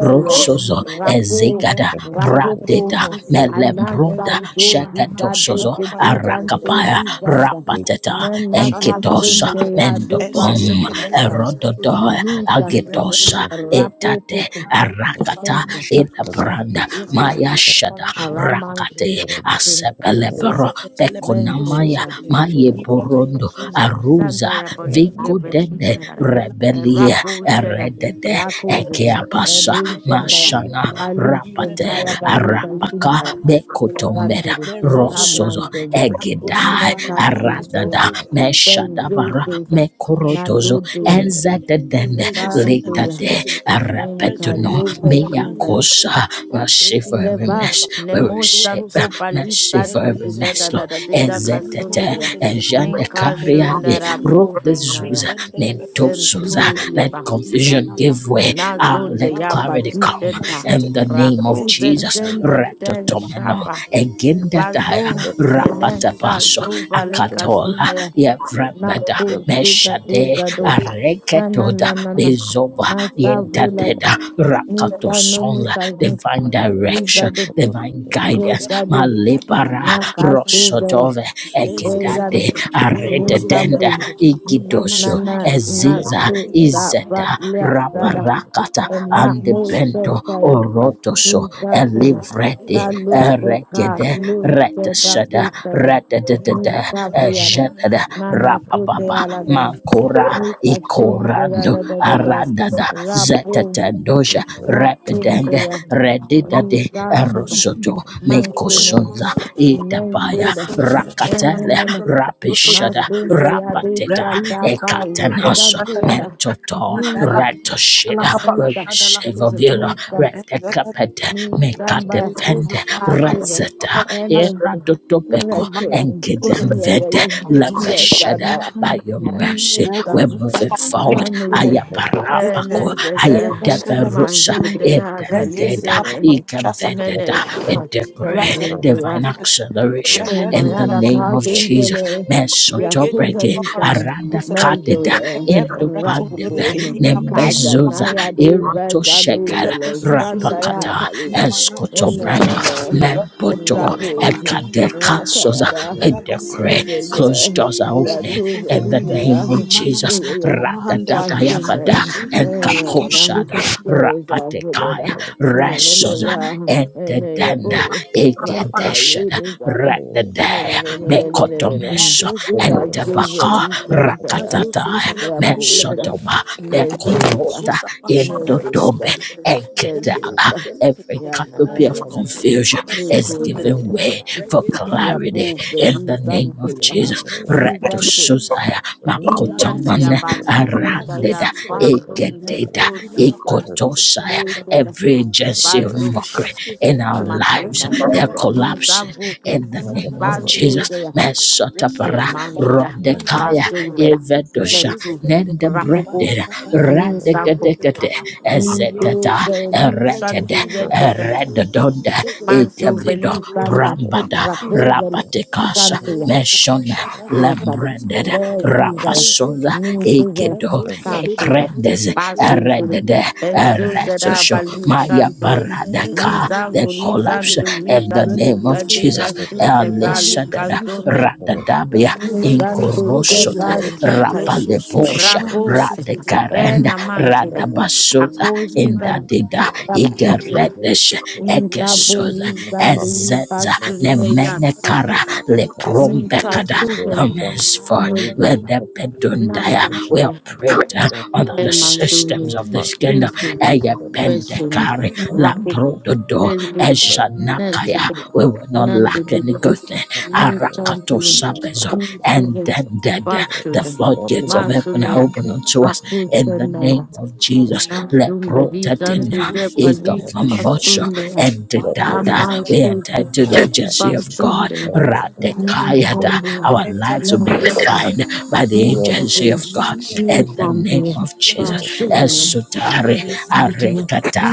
is rapo, ezegada transferred to bradeda rapopo, Pierre melembrunda anasando and du dado sheketosozo de du santo arakapaya tidada, lives rapateta ne na masu cason in enkitosa zelgede, teia do Pierre pari mendobom eseseke hele casara, esesu erododo zelgede, mi and santo, iwebe ye agitosa Pierre guza, etate rapopo, na zuzu arakata salama mento, shata la, inabranda ye guza mayashada para shasu zelgede, rakate asepelebro Ezezeketele preso pekonamaya Venkura suzelegede. maye Sundara, Irebe borondo yezuza No makala la Santa aruza makala Yabaluke kalebe. and Vikodende Veshintara, Rekuda Thank la a makala Rebelia Rapo shakata. Sheda, Eredede Rako Azuzu Jesus, a Ekeabasa Loon seketendele bere Shendaya, Mashana zuzelegede. a Loon Irebe Rapate Shentaya la Baluka Arapaka Shintaya, makala suzelegede. Bekotomeda Randuru, Merozo Rosozo zelegede. Amandent, Razo Egedai suza la Meka nama so Sundaya, Aradada suzelegede. Ben Do Meshadabara Jesus, Mekorotozo Nado Jesus, Suzelegrede, Nen Enzadedende Ereze Seleme Santoya, Litate Suzelegrede, Rezo Arapetuno Nenka Supalakanda Laba, Meyakosa Rakodi Laba Reva, Masivarimess Baba, Nemo Razo Verusep Santo Roselegrede, Palisa do da da Masivarimesslo da Eyezegede, da di da Rezeni casunta Ezetete ya. Mahandelegrede, Ninka Rekele Ejandekariande shundara Rock Suzaba, these povena shoes, ya. Rikendele mental Pepere shoes. Sentu Let Suzelegrede, yeba. confusion Irana give way. Masuzelegrede, Ah, Nazonde let Razo yaba clarity di come. Roseleme genta. In the Shutegede, name of Rako Jesus, Entelepele zenzende Kodi den Laba, Retotomeno, shaba. Egindataya, Vazo Rajene menensa Rapatabaso, Mesuzelegrede, zo Ira valeka Akatola, sunde ya. Masakala Na Yevrambada, ko Rana sita Meshade, uza Na na Areketoda, na na na. Bezova, Na savula ka. Yentadeda, Nisa no Rakatosonla, mika zinka. divine direction, divine Yes, guidance, I do. Malipara, Nakasuzela. Rosotove, Ezada. Egedade Arededenda Nisambu. Ikidoso Nana. Eziza Nasu. Sapa. Izeta Sada. Raparakata And not andebento more Shakespeare. Orotoso Nisabu. Elivrede Kaluse. Eregede Kaluse. Retasada Dakusaya. Rededede Meruzu Nisabu. Yada. zapashana Ejada masutra Nana. barbe. you. Sute. Rapababa Endele Aladana. peri kodi la Makora Thank rakri Nisashunzela. Ikorando Da ala da da da. patas. Aradada Rapu. Isa Zetatandoja tole Rapidende rusu. Nasunzela. I red Redidade meruzu Nisambu. zapapa. Erosodo Irana Mansunela. Mekosonza masutra la. Nem Itabaya tudo. Esa mana En shata Rakatele la menina. tole pesusu jede Rapishada Masum jede. koyade Rapateta Meruzu shada bal. zapapa. Ekatanas Ikan Tata la koyada. Mentoto Adala Minsa. ala Retoshida papa la We Minsa. shada la receive of suzel. you Lord. Minsa. Endele Retekapete Minsamba. meruzu Mekatefende zapala kadi Asuga. la papa Reseta En la suzel. nentu. Eradotobeko Imana Inretoya. Yeah, ya, Enkidemvede ya Yeah, da, da, Regedi Lebeshada, da. by your mercy, Minsa. we're moving forward. manuse, En Ayaparapako, nense. Ayadeverusa, Manjunde ya kalize. Edendeda, Mene. Ikavededa, we En decree divine acceleration Oh my in the God, I name can't of do Jesus. really. You're too la Mesotobrege, many papara sa shana. tu Aranda zelagada. Measure Kateda, the Rebe rasu Indopandeve, rapupo. Kaza Nembezuza, zelagada. naya do Eroto veza no Reketele Shekara, vele. presoso Shanda ya zelegrede. Rapakata, taluga. Imana soso Ene ne Eskotobramba, zelegrede. ne. Rakulu da Mempoto, kapana Rapu. shanta Ekadeka kalagrede. Soza, Nakayara. we Anta lesene decree Measure meso Closed the. zelegrede. doors are You are opening too Reyoso in the zelegrede. name many of Imana na Jesus. matala shana. mahanda legrede. Fashion there. Rakadabayavada Resoso Ene ne kapana ne. enkakoshada kote. There's a rapatekaya village. Mene ne resoza Elena ya. Ene ya entedenda boo. kapana egedeshada shanta Rakayu rededea kalagrede. Kazuva mekotomeso Rahozo entebaka zelegrede. Lisandaya Azozo rakatataya zelegrede. Rapoda mesotoba Mezuda mekorota Izusa Pashada Lasso endodobe Mezuda Delegate, Lasso enketaba. Mezuda Every Delegate, you. and canopy of Yana confusion is Thank giving way Nikozonaya for clarity Rapo in the name of Pelisantaya I Jesus. do something Reto Nizanto different. susaya I'm not just a Nizandaya Makotomane worker. Bas I do Nizandaya Arandeda something different. Baso I'm not Egededa Nizeto just a Ekotosaya. worker. Nizanto Every agency of Baso mockery in our lives, Emashanda they're collapsing Nizambuken in the name of Jesus. Mesotapara Manchura, Rodekaya Basura, Evedosha Mentu, Nende Rapopo, Brended Ninsampo, Radegedegede Niko, Ezekata Velu, Chanto, Erekede Yedda, Eredodonda Manso, I'm Ekevido Velu, not Santa, just a Brambada worker. Rapo, Velu, rapatekasha Chanto, Aruzo meshona zapashata Insab, vakasu lembrended delebele. Vetuza, Ezeze rapasola ketele. Nukuza, ekedo Rezusi bene Sashuda, kudile ekrendez vishosu Basinful, delebele. eredede Inama Bezuza, sosu eretosho Balu, delebele. maya Chanto, Entele baradaka ketele the Ninsampo, preshezu collapse Lisanto, delebele. in Rita, the name of Duta, Rezuzu Deca, Jesus delebele. Sunse, Ineme elisadada zuzuza Valley, papapa. radadabia Rakuda la Zanto basosu inkorosota Geba delebele. Shantaya, Resusu rapaleposha shana masu Ravos, radakarenda Ena Enter Manshida, you. radabasota Akosi Of Zara, these indadida here, of these Rapusira, here, igeredesh the first Ninka is the ekesoda Boli king of all the creatures. Zandi ezeza The second Basuneya, Nemenekara is the king of Ninka Leprumbekada the birds. Suven, The third is Omensford the Amosi, king of the animals. Wedepedundaya. Nako We Shara, operate uh, The fourth is under the the king of Emazulu, systems of this the beasts. kingdom. Insubu, The fifth is Eyependekari Besunu, Rapuku, Laprododo Elbuda, Ejanakaya. Nelsubu, We will not Nandi lack any Budubi, good thing. Arakato Nintantulu, Sabezo and Ninsubu, then the the Bashuda, floodgates of heaven are Basunaya, open unto us in the name Bakusenaya, of Jesus. Nandumbedi, Zandu Leprotatena Jepadi, Ikavambosho Kasunaya, and the dada. We enter Ambashuda, into the agency of God. Basunde, Radekayada. the king Nintandia, of Our lives will be the gods. Nansubu, defined by We the Thank are agency of God. In the contemplating name of every Jesus. person that Esutari has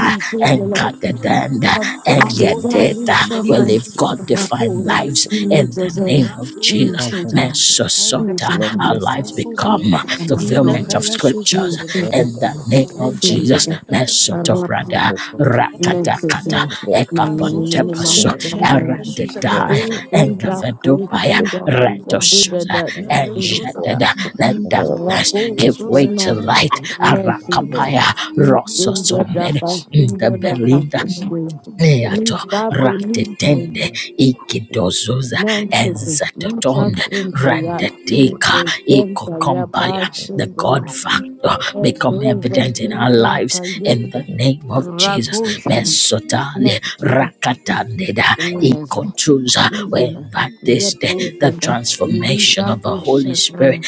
not enkatedenda but Maloza katana engedeta. We precious live from God celebrity. defined lives Masuza in the evil, baba. name of Razo so Jesus. husband, celebrity. Mesosota. Ezekete long Our presso lives broken, so become celebrity. In the fulfillment of broken, presso scriptures celebrity. broken, in the name broken, of Enkete Jesus. lepete Mesoto presso. you. you brother. know, broken, Rakata Ezize kata Nentendo, celebrity. Razo so Manuel Ekapontepaso, gentle, selection Mastanda, mesu Eradidai, celebrity. gentle, Ezenda Imana kadana Engavedubaya, presso look Kuisinda, at me, Buda celebrity. Buda Retoshuza, da and it Mele must zoza Tacunda, Enjededa. baba. Let never Razo darkness customer Rapo give way zoza to Shana, with lekende light. lepete the presso Nesinda, Arakapaya, celebrity. Rosso Imana Nintendo da Sombed, in the Castinda da injection. Belinda. Castinda, We are Eato Nintendo Lincoln, ratetende ikidozuza Manchester, Lisa ezatotonde Sinta, Ya, randeteka Ezenda Santa, Ya ikokombaya. The God Basinda, factor become Ezenda evident in our Lisa lives in the Kayode, name of Jesus. presso Rakuzen, Mesotali Neptune. Rezo rakatandeda uwezo ikotuza. We Izana, invite this Gepo day the Zeda, Nidisa transformation of the Holy Posheta, Spirit.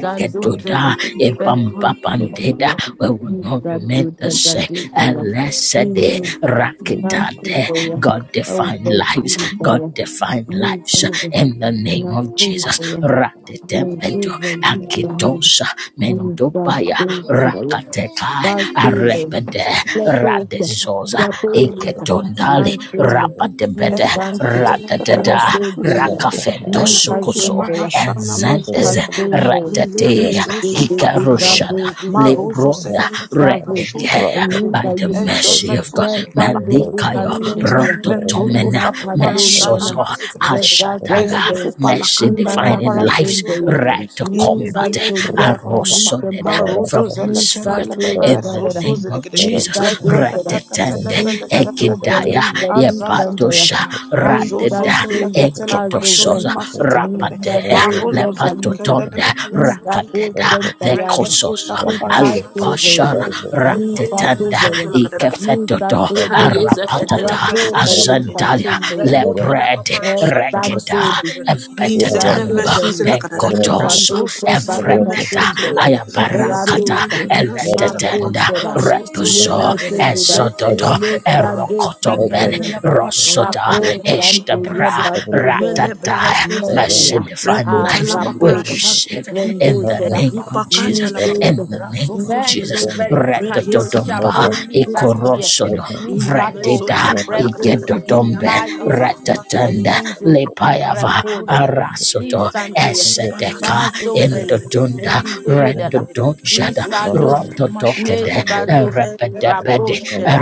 Zadu Zeda, Pekro Zeda, ipampapandeda. We will not Zadu remain the Zeda same. Tukala, Blessed day, Even Nancy Rakitade, Boya, God define Away lives, God Kumbaya, define New lives Buddha, in the name of Nanko Jesus. Boya, Nancy Ratetemedo, Zeda, Akitosa, Mendopaya, Zadu Zeda, Rakatekai, Vasile, Arepede, Letosia, Radezosa, Rapolita, Eketondali, Nansile, New Rapadebede, Bantu, Ratatata the New Rada Kudula, Rakata, Rakafento New Sukuso Husbandra, and New Zendes Husbandra, New Ratatea Kudula, New you. Hikarushada Zavu, Lebronda New Zavu, Redegea New by the Zavu, mercy of God Yes, and do this Thank Melikayo as soon you. Rototomena Inna kalun lena. Mesozo Geba Ashataga tundes. Mercy kanda Inna divine na in papara lives kalun shozo doya. zelekende Rat Ni in the combat bere santo shoza ya papa kalun papa Rosonded tempaya. marozo from Ni zelekende la henceforth santo pepere in the regalera. soso name of zelekende Ni Jesus. santo rezata sera. la katele Ratetende Ni pele sesta santo dede beli Egidaya gadi anzaza tada santaya. Yepatosha dada rajozo Radeda Nisanteye zelekete la kazowe, prashoni Enketososa masute dede Rapade nisanteye marozo balisa, zelekende la Lepatotonde pepere soso nisako Rakadeda zelekende sentayada, Regeto Vekososa sapapara shazo nikasozeya, Alepashara zelekende enzene Ratetenda mesu nikatozeya, zelekende Ikefetoto nisatodeda, Aye, zekadele Arapatata rapo presoso balika zeledede. Azandaya sundeya, Rekodi la Lepred papara El shana Rekeda masu Santo Esantudi, zelegadede. Nisa Izene Embetetamba mesu Develi, zelegadede. Nisa Menkotosa Lete Rasoso zele Baleka Evreteda meshu Sindaya, telegadede. aya barakata Ezeme Radusha, le perasu zapapa. eletetenda Nakoseda, Rasoso Leka repuzo zelegadede. Sindida, Reze ezododo Leka sikedelegede. erokotombele Rikende Desandaya, la papara rosota shasu Rapo zelegadede. Santo Eze ishtabra Yeba Sede, mele ratata beresu zelegadede. mercy Mensia, divine Rekota lives la Arapo. we papara shasu receive zelegadede. in Rendo the será name of Zupakanda Jesus la papa. in Nisudo the name of Rasoso Nenso Jesus celebre. Verisa Reyes Yosha retotodomba Poli sosu Santo Yes celebre. ikorosodo Ine Nisato mezo vretida su palagra. Refusa Ina igedodombe masa sa Tayunda palagra su retetenda Enenjo celebre. lepayava Repode arasoto Rezo Nisanto Yes Thank eseteka Baso Vele Indodunda. Indo Yedada Rendodoshada Nisado Rototokede Nesato you. Rapo Erebedebede Sheda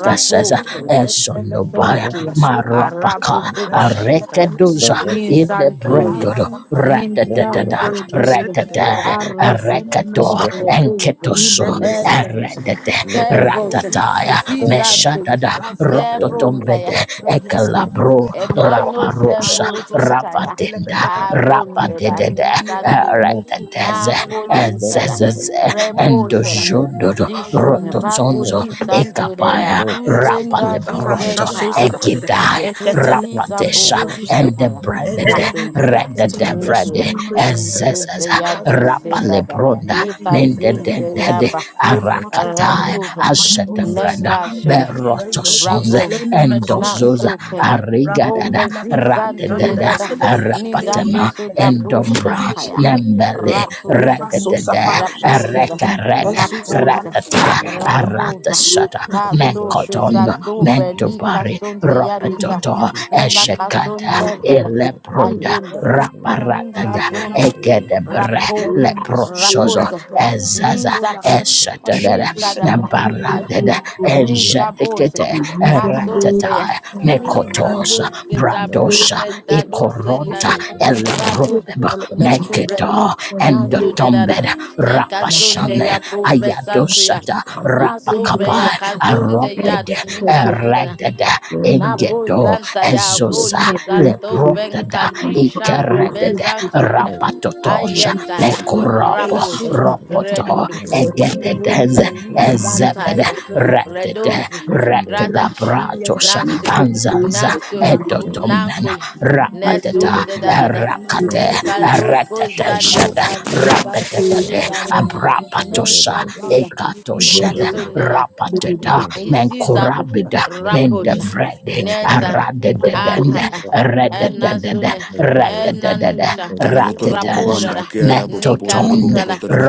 Rapo Esonobaya Thank you. Maropaka Arabu Bubashita. Arekedoza Nin Santuya. Ilebrendodo Nin Radadadada Santu Bebe. Ratata Arabu. Ereketo Rebuzum. Enketoso Ellen. Eredede Tefros. Ratataya Si Santuya. Meshadada Thank Tefros. Rototombede Yes. Reyes Ekalabro Lemesus, Emmanuel Raparosa Servo Arosos, Shintaya Ravadenda Telepeperesos, Arundeda Rapadedede Kinsanduya Iremesus, Eretedeze Palapana Nako Mashutel, Zinsada Zezez Megudi Repo Sela Balakada, Endojundodo Razo, Dishum the Nevato Rototonzo Mashu Lisandureda Ekabaya Ezo Kuzenda mata prasha Rapalebronto soze Duzentara lekadede. Egidaya Eketele Yetuveli Zambo Rapatesha presozu zele. and the Shataya breaded Entoli bele Kazunzaya, red ketele the bread Nishura, presoni mashanda lekadede. Zezez Nisudaya, Razo Duse, suze lekadede. Dadada, Rapalebronda Eyeze pele otala Nifazunzaya, Mendedendede Ba, prashana masuze Arakataya lekadede. Ratuba, Masoso zele Ashetevrenda Nenka, lekadede. Shura, Reyozo Berotosonze Bravo, zelene mesosu Endozoza Natsute, kadede. Arigadada Rakodi la papa Rovezizanto, shanda Ratedada Yedada, lekadede. Nidadu, Rapatema Eyeze pele Sudabu, Endombra sosu zele Shakaya, lekadede. Nembele Ratuze. Ima sosa Radadada, parasha Rapunzel, sekadede. Rekarada, Esusa Napose, parasha. Ratata, lekadede. Rapuba, Aratasata, Thank Pasote, Menkoton, Satobe, Lika Mentobari, Sonte Yadisa, Ropedoto, Nela Eshekada, Casonte, Vele, Elebrunda, Ayunda, you. Nika Raparadada, Number Zone, Egedebre, Rapo, Leprosozo, Raposa, Ezaza, Nizapo, Eshatada, Nishada, Nabaradada, Minsa bose, Ejadikete, nasondeya, Ratata, minka Mekotosa, lose da Bradosa, bose da dose da da, Ikoronta, ratu Elebrunda, nentu da da, Meketo, nasu da da endotombed da, neka zonde rapashane ya prove santu ya, ayadosata nasu ve ya rapakapa kazonde ya aropede ninka zonde eredede Napo ingedo zanta ya ezoza roli zanto lebrotada venkani shambre ikeredede bezankoida. rapatotonja Ayenta Thank ya mekoropo raposha ropoto redodo egededeze lizonta zanta ezebede ya retede redove radash rekelabratos nansu anzanza nansu you. edotomena nankoya Thank neso rapateta of de da da da erakate number of ninga logo Thank balu eretetenshede bali santo de Rapetete, gano Abrapatosa, nenzanto ya Ekatoshed, nikasoneya Rapateda, Isizago, Menkurabida, Raposha, Mendevrede, Nelson, Aradededende, Akaya, Redededede, Enasune, Redededede, Enanusha, Karabotorobokoban, Ratetanzo, Rapoda, Nika Mentoton, Lukala, Bakerabokobotorobokobotorobe,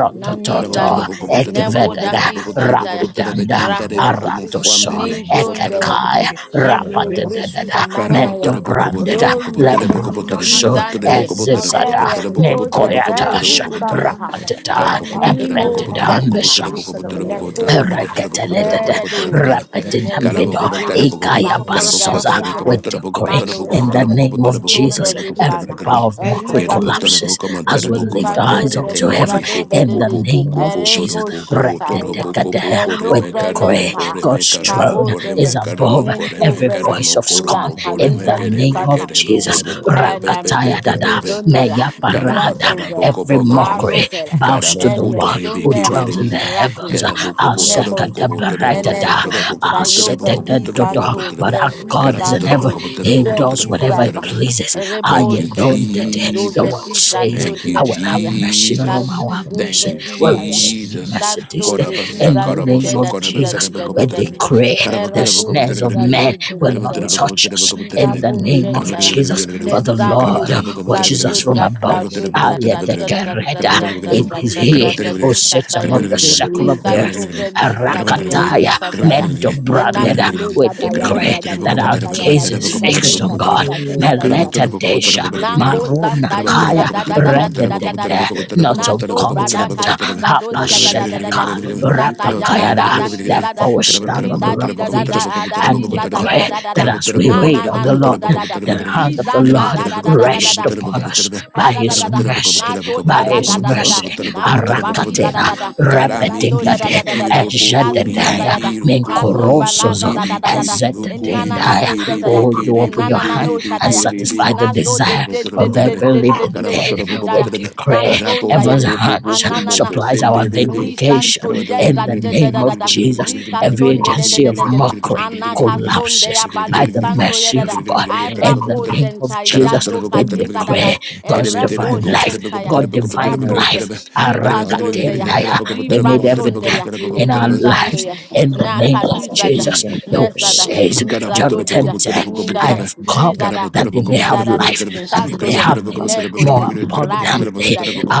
Karabotorobokobotorobokobotorobokobotorobokobotorobe, Nanizano, Ekvededa, Nebodaki Santaya, Rapidanda, Raposa, Aratoso, Nijondea. Ekekai, Kintarebokomofuambele, Raposa, Rapatedededa, Kubotarabokobon, Manaya, you. Mentobrandeda, Rondesa, Reheni Lembrodoso, mahanda la kadada. Nizantoye, La dosu Ezizada, selekede. Erekoza, Menkoyatasha Zazun Rezozo Karabotorobokobotorobokobotorobokobotorobokobotorobokobotorobokobotorobokobotorobokobotorobokobotorobokobotorobokobotorobe. mahanda Santa, la kadada. rapatata, Caramo, La and koda la Nemo embedded papa. on the Dosu Zanta, selekede. Nekoza, Ezeze ketele Reketeledede, Eredo, prazozo selekede. rapidinambido, Irebe Nesuntaya, resu ikaya sapapa la Tazun basoza. shasu Gavayara, We selekede. decree in Ezeze Manota, the name of ketele Nito Jesus prazozo every Velishana, selekede. power of mockery Entele Erida resu collapses Sinte. as we lift Ninka our eyes up zonde to you. diga heaven do de in de the de Thank name of ere you. Jesus. poshentaya Rededekede, e We no decree velenta God's throne sabose is above mento every vele voice of ya scorn kalu in the veli name of santa Jesus. Enem, Enema, Rakatayadada, Dizondaya, meya parada. Karabadara arupele. boko Every bokoram. mockery Arupela, bows to the Karabokoto one who Eneshundaya, dwells in rebekibirim. the heavens. Rakusa, Nemoji, Asakadabaradada, Enense, Tayoba asetedendodo. Lizanto, But Karabokobotorabokobotorabokobotorabokobotorabokobotorabokobotorabem. our God is in heaven. Kelizanto, He does whatever He Kelisapa, Karabotorabokobotorabokobotorabokobotorabem. pleases. Thank I you, Reposhe, don't that Your word Jesus. Dovedita says, Thank you, I will have Sentaya, mercy on whom I Jesus. will have Kazuzo Thank mercy. you, We Veditaya, receive your Jesus. mercy this Santo day. de Korabasa, In the Santo name de karaboso, da of Dida Jesus, Dida we Dida korabaterebokoboterem. Dida, decree the Era do de snares Karaboterebokoboterem. of da men do de will Dida not dida. touch us. In Karaboterebokoboterebokoboterem. the Babo name of Shentaya. Jesus, Karaboterebokoboterem. for the Deza Lord Koliza watches do Karaboterebokoboterem. us from da above. da do da da da da da Ayetekereta. da da It da is you. da da He da who sits Zishataya. above the Thank circle of the earth. Lisanto Velisa to Yadon Rakataya, Sataya. Mendo And branded. Nakalo We Zadaya da ya da decree da da, that our Liza Tayada gaze is Ziza de fixed on God. Kalisa to ya da da da. Meleta Desha, Nanko Maruna Santa yi da Kaya, da da da da di da da da di. Rededede, not Na on so brada contempt. kaziza do da da da da da da da Apashedeka, kisi sata ya da Rapakayada. sanda kiza da Therefore, we stand ni on the da Let rock di da of da ages da da and di let sata da da decree da da that da as you. we na na wait I on na the so Lord, da da da the di hand let of the za the da Lord da da da da da da rests da. upon us Ah, by da da his da da. Na mercy, so da by da da his da da da. mercy. Na ko let batli da da Arakatena, da da. Ni let za Karame to da da Repetingade, da da da da. pishikiro da. the Na zu potori za da Ejadadaya ya da. pikiro Na the so kurumu jump balaza menkorosozo kuri da da da da da. pikiri jump En back na mukuri na to na the ezatadendaya. ko mikiri zenda ya. Oh, you pikiri En na open your na na hand no bukuri shada and ya. pikiri over bi. En satisfy the na zo de desire de Karabotoro de of de bokobere. every de de living de de thing. Karabotoro shida jump We ya. bokobotoro. back to Na decree the so da Araboko ya. heaven's jump popo ah hands popo na na mo na. supplies our back fesendere Ni vindication to santo Mm. the ye in da the green da da name da da of da. Jesus. Ni and that Every kason the de de de agency de de of de. mockery Ana kason de ya collapses by big bali the and the santo ye mercy da da. of God. one In the the Arapo person name of zenta jump ya back Jesus, do we kazinza da da. decree to God's and to Erepo divine life, shenta ya. God I divine have to Ratoze. life, Ni I don't kazonze ya. Arakatendaya, Ni be made want vrashonde evident ya. in our Ni to zando lives ya. in the Na so name of kaluza da. Jesus. that Your word Nezada. the says, Thank you, Ni John shasu zado selekede. dida. 10:10, Ni da, I da have Ni come different zada. that they Ni may da da have da do. life and they Shanto may ye. have net it Nekose. more net Rado abundantly. yida yida.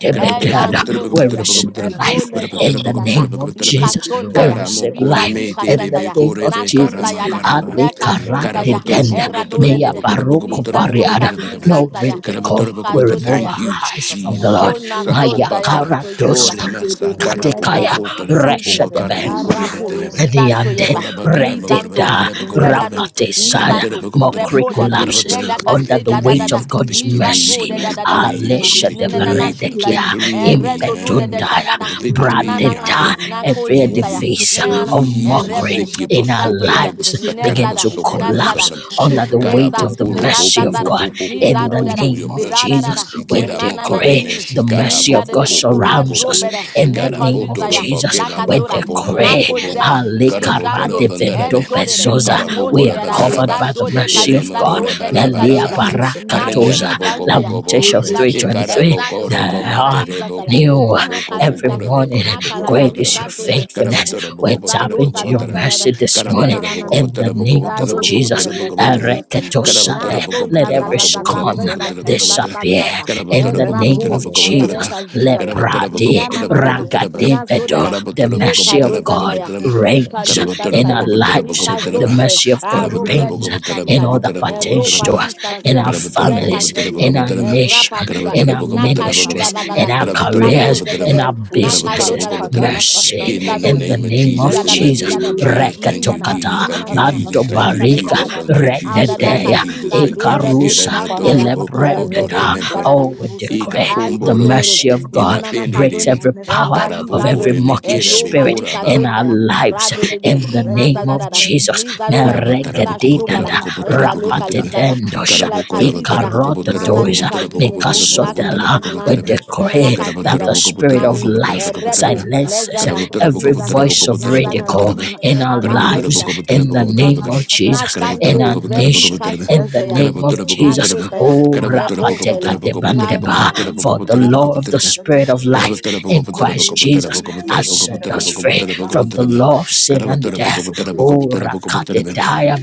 number Ena We shondeya, then receive to come life to Ezeze evrole le in the the kuta la kayidata, name of lika Jesus. the kadada. We better sontaya, receive Ante. liba life that lika Kata in the santaya, name of na and Jesus. sontaya da, neka let sontaya, Alikaradidenda. erado de la de Meya de, dosu ni baroko selekede. santo bariada. kazi Shasu No santaya, ridicule. lika We remove zontaya, our eyes from Thank the selekede. you. Lord. Jesus. ona Maya sondaya Sakopatara. It's koziza. Karados Ore masatara Katekaya Esado, pokopotere mokoba Nisa, kara Reshadebe mokore Arapo, beterebe. Santo Diande Yeva, Koraba karaba koraba da Nisando, reteta teraba kopa teraba. Redado, Karaba rapatesaya Nisanto, teraba kopa teraba. mockery Repodada, Karaba collapses teraba for the Nenaka under say the da da da victory, weight for da, of the God's victory, Nisato for mercy. the de da da da da, victory, for the Alesha de Nenana victory, for the shootaya, veredekia victory we Ereto do de de have, impedundaya for Shandada, the victory I Ninana, have bradeda Nako every in Zintaya, you, edifice Nenana, of Jesus. mockery Erebo, Seki in our baso Nisanto pore Yeda, lives besa begin karaba Nezada, to so karaba Nazada, collapse sobram. under the weight Weta, Karabo of the koro po mercy po of po Nenazada, God. po po po In po the Nizado po da da, po. Your name of mercies, Nidada da Jesus, da, please. we Kira motore decree Wenanananini. meshi the you. Ni mercy da karabo of de ko de God po de. po po A Thank po surrounds po. us. robere. In the Ne name Karaboto of kozunzaya. robo Jesus, La kera we baka kazora. po ko Na po decree ko po. kozera. Ni Karabo koro Alekarade jandor. E pandarabe. vendo zorere. E bezoza. Karabo We koro are mozere. Ni covered pataraba. by the all zandole mercy of kaliza God. Iremodora zonde ni Melia balabaraba. kaliza. Mesusu Na separation. Rendera barakatoza. koliza boko ya Bokobo, Ni Lamentations Arosu sato. E 3.23. Icarabo shado There mama Koroko bila kuzere. are Matere kaliza tala. boko bo. Renu new Ikarabo Una koro mesusu komatere boko every boko kaliza boko tala. boko kuzere. morning. Na rabo koro boko kala rabo Ize Great koro. is kaliza your ntoya. teketele faithfulness. Karabatora boko We're shesuza. Nisa botara no tapping boko to your botara. kaliza dada. mercy Maruzu this Nisa morning. Karabatora mesuza. rana. boko In botara the boko name Nisa of do de de Rasuzu Jesus. botara zele boko de botara boko botara. teketele shesuza. na Karabatora Ereketosade. so boko Let za za every za za za za Mazuzu scorn za za zele hene za za meshud. disappear. za za e In the name botara Rezuzu of boko botara boko botara boko e pala botara. Jesus. kaza. Karabatora boko na Leprade. na botara na na boko botara. Karabatora boko botara boko na botara. Lembele na so da Ragadevedo. kuzi. da The Karabatora ne boko ka mercy botara of boko God Rasuzu ya botara. zele. ni you. ka reigns Again, in the in our ni lives. En ka The zonte resuza mercy of a God Thank ro pashasu. bre reigns ni in shanta all ya that e Ulila pertains to li us, mamarasha sa to in ya our zetezere. families, in Reyene our e rapa nation, mazuzezere. luda in our na Inda ka mahana ministries, da na da in da our e la mazuzezere. careers, de in de our Eso na kazona. supala businesses. kadala pasha Mercy Nizado zozele. in di the di name of di di name di Jesus, da of da in Reso the di Jesus. da name da of suzele. Jesus, ni thank na you, na Imana Jesus, Rekatokata, ni na thank you, na kadala na Jesus, pasha ni thank you, kale da Bandobarika, da zuzele. Jesus, da. thank you, Jesus, Ada Emeso da thank you, Thank Rededea, zele. Jesus, kaziza thank do you, Eso vreni Ekarusa, supala shantaya shandala. Elebrendada. erekoli Jesus. da da da. Razo Oh, we zozele. declare the Ikapomborum, Azozere, mercy of God nanana breaks imathenere, kazona, every Imene so power repani of suzele. every karapokore zadore, e mocking mikira no Refudi spirit la mali bekoraba, in mamarasha. our kazonta ya, lives rado de de, in the na name of zadada, Reyene Jesus. ni zadora ke, Korabatara na boko botara shobala, Meregedidada, Zana boko na botara katana boko kano botara be. kato kalizada, ni rapatidendosha, sebebe. Karabo like korabatara kazizada, Ezele boko botara na mesu la boko ni kana ikarotodoisa, botara kara. boko kazin, botara Bozo boko su lakri, botara mikasotela. boko pele na We botara kete be. na nana decree kato that Karabatara the sebebe. kazizada, boko spirit botara na of boko n- botara e life boko Mesu botara su be. repo, kala ne silences kanda la nezana, Karabotara baba. boko every nizana, botara boko voice of Aruzo na botara boko sebe zana, botara ridicule kete be. in kato our alako Karabatara lives boko zida, sebebe. botara in the boko botara Imana name of shata la na Jesus, kasta in our santo, su sebebe. veli boko nation, botara in the kasonte Rezo ya, name Karabatara of sebebe. boko botara boko na Jesus. botara be. shota ya, Ezo Oh, ne ma Karabatara rebo boko botara be. Karabatara boko rapateka shata botara vele, la boko kodi botara la boko botara debandeba, baba. boko for the botara boko law of Razo the botara be. zele spirit of kete. life Karabatara boko in botara Reye boko Christ botara Jesus boko zizala ma botara has boko set shanda la botara us boko kata. free botara boko from the botara Azuzo law of sin and Carabotoro poco death. potera sebebe. poco Oh, potera poco potera Rakatitaya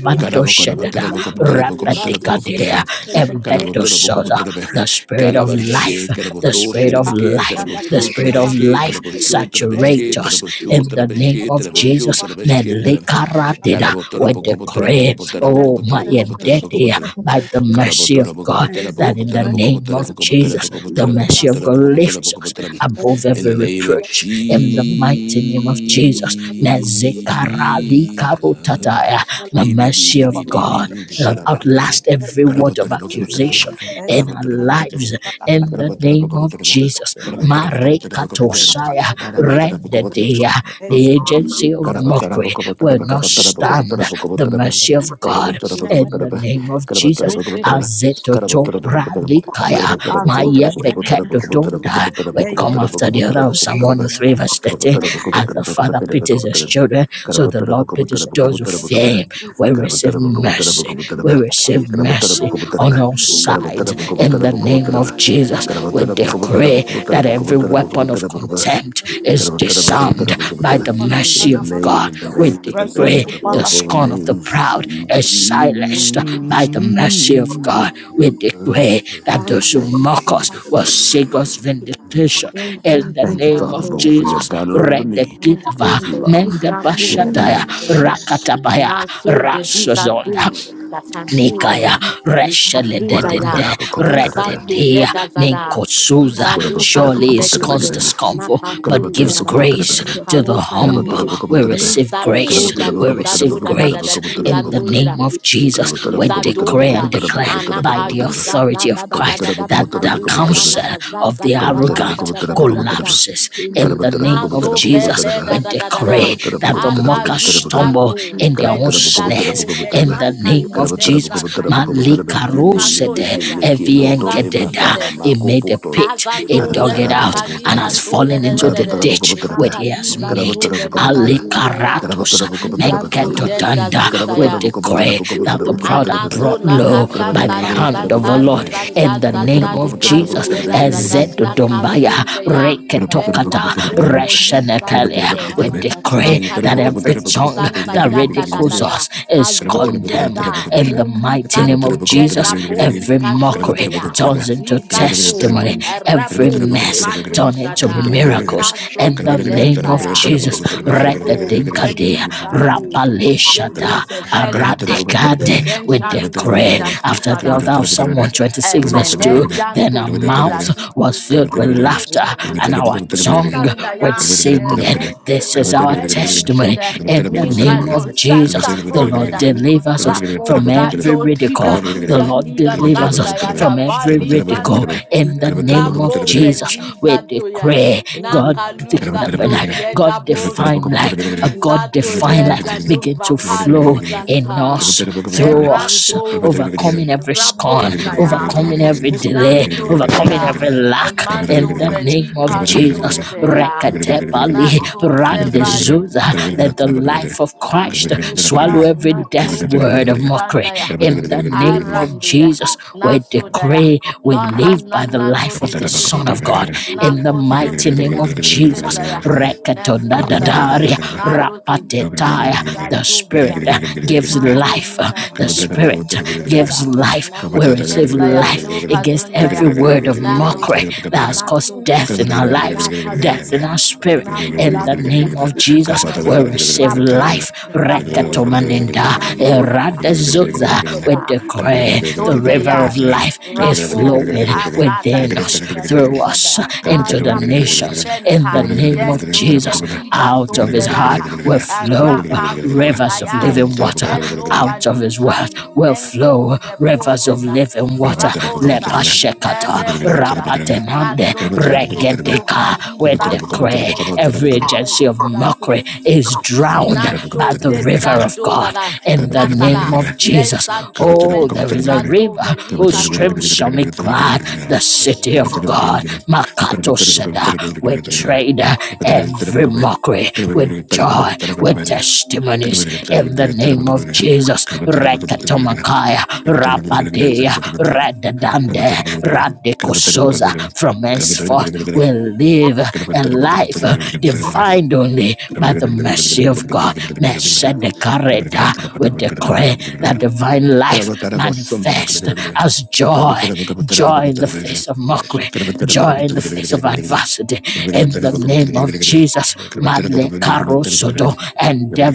Only Mantoshedada, la baba. potera Rise also Rapatikadia, Embetososa, the spirit of life, the spirit of life, the spirit of life saturate us in the name of Jesus. Melekaradida, we decree, oh, my you. poco endedia, potera by the Take my mercy clothes Carabotera of God, Bocopotera and wear that in the Bocopotera name Bocopotera of Bocopotera Jesus, the Bocopotera mercy of Bocopotera God Bocopotera lifts us Bocopotera. above In the every name of reproach in the mighty name of Jesus. Mezekarali Jesus. The Ili mercy bili of bili God bili that carabotera outlast Thank every word of carabotera bocopotera accusation in our carabotera bocopotera lives in the carabotera name of bocopotera Jesus. carabotera bocopotera bocopotera Marekatosaya carabotera bocopotera. rendedea. The agency Karabakara of you. mockery will not stand. Thank The mercy of God in the name of Jesus. you. Azetoto bralikaya. Maya beketo tonda we come after the other of Psalm 103, verse 30. As the Father pities his children, so the Lord pities those who fear him. We receive mercy. We receive mercy on all sides. Little In the name of Jesus, we decree that every weapon of circumcision, contempt in is disarmed by the the name, leaving, in mercy the of you. name, God. in the We name of Rezo decree the the supala powerful scorn shanda of the names, proud is silenced by the mercy of God, we Jesus. declare that those who bowing, Thank you, mock us Jesus. will see God's vindication young in the Thank people you, name out Father of Lord, there, for your Jesus. banner over me and Redekidava, is soon the love. visa for In the name Mendebashataya, of Gentile. Jesus. Rakatabaya, Now so the visa too, Rasozonda, that can see that Nikaya ya, you can Reshele see that ya, Dedende we start to Rededia get that that that, we Minkosuza Karabatara start to surely that is that that, constant not comfort, but pursue the gives ya that. grace to can the look at him humble. that ya, We we receive can do grace, that, we visa receive do that that grace that, visa in the do it. name of Jesus. We Izado da decree and da declare by anaka the yu da authority da da of da da Christ da da da that the kazu na na na counsel kazan of da the da da da da da arrogant da da da da da da collapses Karabatara in the name na of so Jesus. vele We da da da da da decree that the mockers akalu stumble santo in their own veli da snares. do In the veshanka name yu of Jesus, tenza na ya nika Malikarosete, sonte ya ni santo Eviengededa. yede He made a pit, he azado dug it na out, kali and has santo fallen yede into de de the ditch de na which he kali has made. santo yede kazu ya Alikaratos, Santo yeda Menketodanda, we saya. decree that the proud are brought Anasuna low by the kasanta di hand of the santa Lord. In zizanda the da da name di of kazo Jesus, de da da da da Ezedodombaya, kazonte ya ela Reketokata, jove Gracias. li zanto Reshenekele, ye we imana da decree na that ras kano every de li tongue santa de that ya da da Jesus da ridicules de da us is kazon de Cristo condemned da in the poli mighty name santo of Jesus. jeta sa poli Every shanda mockery kashonte ya turns li into de la kinde santo testimony, Jesus every rapo de mess vadu turns into imana shata da miracles pala kasho in the shanda name feleta of ya Jesus. en zeze de nenko Retetinkadia, preli shanda de santo la Jesus rapaleshata, Yedose la vela mashte kagi den aradekade. den ne We shanto rudu de decree yeda after the susada. altar of Psalm kutele 126, verse Emene 2 imana then yanto our kuti la vreda mouth susu. was filled with laughter Can Razu and our zote tongue Sandaya, with singing this Ernesto, Amen. is our Brendan testimony Shuda, in the name Nikalo, of Jesus. Santa The Lord Frodeda, delivers us Rapo, from every Dato, ridicule. Dida, The Duda, Lord Duda, delivers us Shandaya, da from every Bali, ridicule Santa, in the name of Rapo, Jesus. We Veliza, Toya, decree God, Nakaluza, Toye, da God Bro, define life, a God Liza, define Toye, life da begin to Dovakalu, flow in Santa, us, through us, Erako, overcoming every Rapo, scorn, overcoming Shaya. every delay, Nanto overcoming reda, every Nantoreda, lack Emanso in the name of Relican Jesus. Shondrea, Rekatepali Nato several randezuza. Zevralisa, Let the life of na Christ so swallow ta every na so death word of velu mockery tana ya in the name of arandu ya Jesus. na We so da ya decree we no na live na by the na no life de of the de de de Son de of God Gracias. na in the kosum mighty to name ya of putin Jesus. da ya na so ta ya Rekatondadadaria na loti ne rapatetaya. sa The to Spirit vela uh, gives na no life. ni na The ne Spirit so te da da gives life. na We no receive senta ya life no against kazunda ya every word of na no de mockery that has na so caused da da death Gracias. in our lives, na death in paluda, our spirit. na In the pulafina, name of Jesus, and we receive rapu, life. rapuda, Rekatomanenda, na luda, eradezuza. We luda, declare the river of tundeyan, life is rapu, flowing anada within us, duda through duda us, da, a into the rapu nations. In the shenta, name of yendo Jesus, kevida out of his heart sunvela, will a flow rapa rivers of suntayar, living water and no out of his word valishan, will flow mengo rivers of reposen, living water. Raposha, Lepashekata, Erepoda, Rapatenande, Naso de de do Regedeka. Randi We Santo de declare de every de de agency of Rugado, mockery is Can drowned by Naso the de da river of do la God la, in the name Nasada, of Jesus. Nesanto Oh, Veli there is a Santo river Veli whose streams shall make glad the city of God. Makato Seda, we trade every mockery with joy, with testimonies in the name of Jesus. Rekatomakaya, Rapadea, Radadande, Radekosoza. From henceforth, we live a life I defined only in by the the Jokian mercy of God. Mesedekareta, We Pupkov declare that divine life manifest ignited as joy, it joy in at the face of Jokic mockery, joy in the face of adversity. In the landed name of Jesus, Jokic Malekarosodo, and endeavored.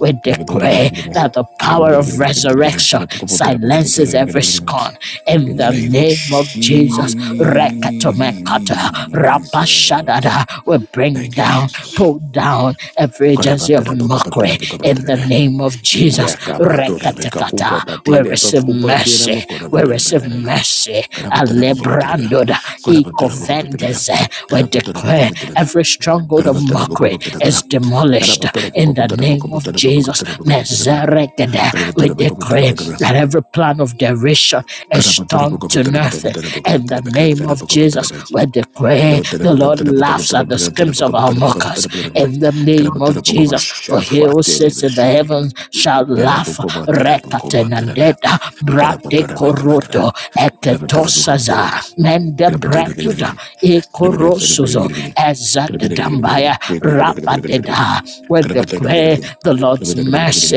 We declare that the power of resurrection silences every scorn in the Luzito name of name of Jesus. Rekatomekata, Jesus. rapashadada. We bring Thank you, down, as Jesus. pull down every agency of Shafwa mockery in the name of a Jesus. Rekatekata. We receive mercy. We receive mercy. Alebrandoda, ikovendeze. We partner. declare every stronghold of mockery is demolished in the name of Jesus. Mezerekede, We decree that every plan of derision is turned to nothing in the name of Jesus. We decree the Lord laughs at the screams of our mockers in the name of Jesus. For he who tere be sits in the shoki. heavens shall Gara laugh. buku batera buku Rekaten and matera be. dead, Gara brate batera be gara gara. koroto, Gara batera buku eketosaza, mende branduda, ekorosuzo, ezadadambaya, Rapadeda, where they pray the Lord's mercy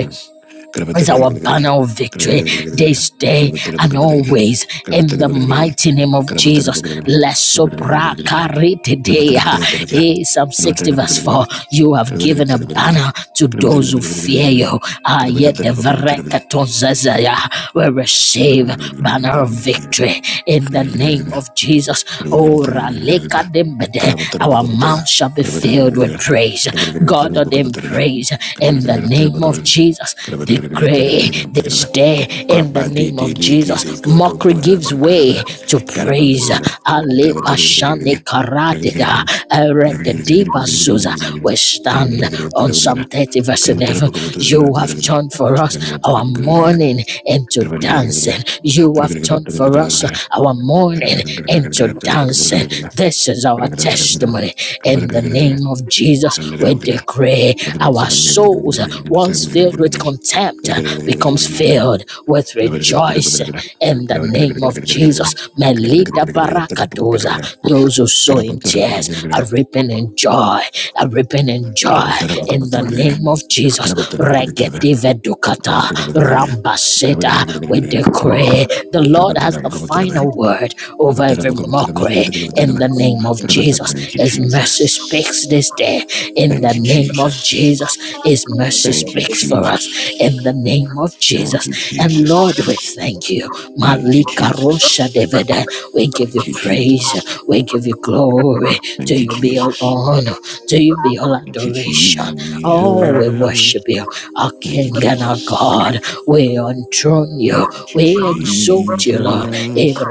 is our banner of victory this day and always in the mighty name of Jesus. Lesobra karitidea. Eh, Psalm 60 verse 4. You have given a banner to those who fear you. Ah, yet the verekatozazaya will receive banner of victory in the name of Jesus. Oh, ralekadembede. Our mouth shall be filled with praise. God ordained praise in the name of Jesus. Decree this day in the name of Jesus. Mockery gives way to praise. Ale pashane karatida eredediba zuza. We stand on Psalm 30 verse 11. You have turned for us our mourning into dancing. You have turned for us our Karabatara mourning into dancing. This is our testimony. In the name of Jesus, we decree our souls, once filled with contempt, becomes filled with rejoicing. In the name of Jesus, Melida Barakadoza, those who sow in tears are reaping in joy, are reaping in joy. was In the name calling of Jesus, Regedive Dukata, Rambaseta, we you. decree the Lord has the final word over Thank you, every mockery in Colin, the Colin, name of Colin, Jesus. His mercy speaks Jesus. this day in the Thank you, name of Jesus. Jesus. His mercy Thank you, speaks for us in the Jesus. name of Thank Jesus. you, And Lord, we Jesus. thank you. Thank you, Malika Rosha Jesus. Devada. We give Thank you, Jesus. Thank you you, praise. Jesus. We give you glory. To Thank you, you be all Jesus. honor. To you be all Thank you, adoration. Oh, we Jesus. worship you, our Thank King and our God. We enthrone you. you, We exalt you, Lord. Jesus.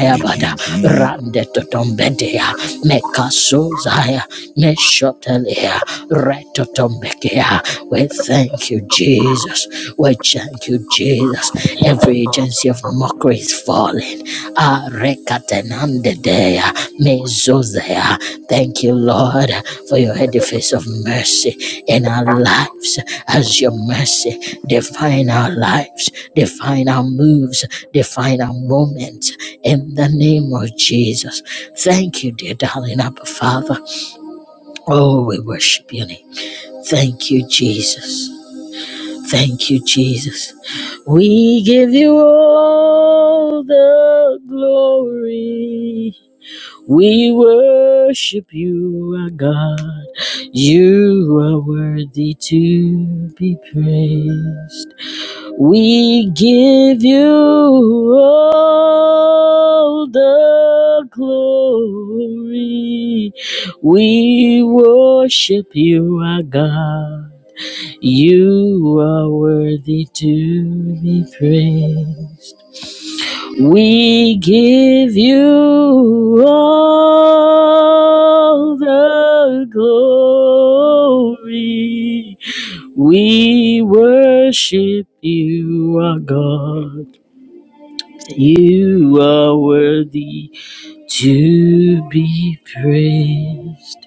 Thank you, Jesus. Rande totombedea. Mekasozaya. Meshotelea. Retotombekea. We thank you, Jesus. We thank you, Jesus. Every agency of mockery is falling. Arekatenandedea. Mezozea. Thank you, Lord, for your edifice of mercy in our lives as your mercy define our lives, define our moves, define our moments in the name of Jesus. Thank you, dear darling Abba Father. Oh, we worship your name. Thank you, Jesus. Thank you, Jesus. We give you all the glory. We worship you, our God. You are worthy to be praised. We give you all the glory. We worship you, our God. You are worthy to be praised. We give you all the glory. We worship you, our God. You are worthy to be praised.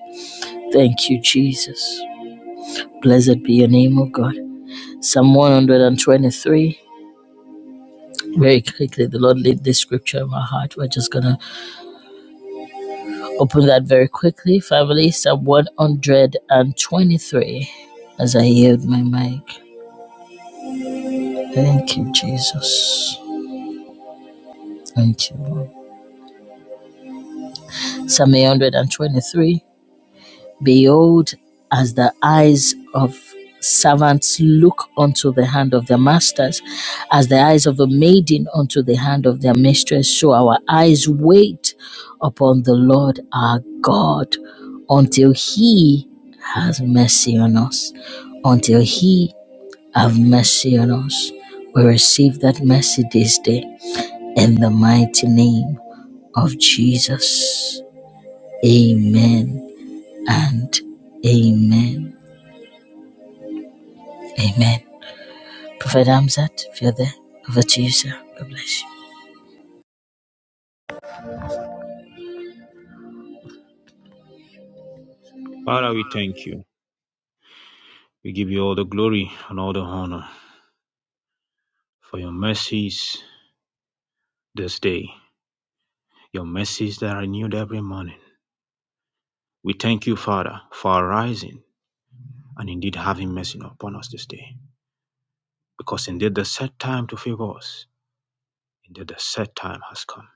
Thank you, Jesus. Blessed be your name, O God. Psalm 123. Very quickly, the Lord laid this scripture in my heart. We're just gonna Open that very quickly, family. Psalm 123 as I yield my mic. Thank you, Jesus. Thank you, Lord. Psalm 123. Behold, as the eyes of servants look unto the hand of their masters, as the eyes of a maiden unto the hand of their mistress, so our eyes wait upon the Lord our God until he has mercy on us, until he have mercy on us. We receive that mercy this day in the mighty name of Jesus. Amen and amen. Amen. Prophet Hamzat, if you're there, over to you, sir. God bless you. Father, we thank you. We give you all the glory and all the honor for your mercies this day, your mercies that are renewed every morning. We thank you, Father, for arising and indeed having mercy upon us this day, because indeed the set time to favor us, indeed the set time has come.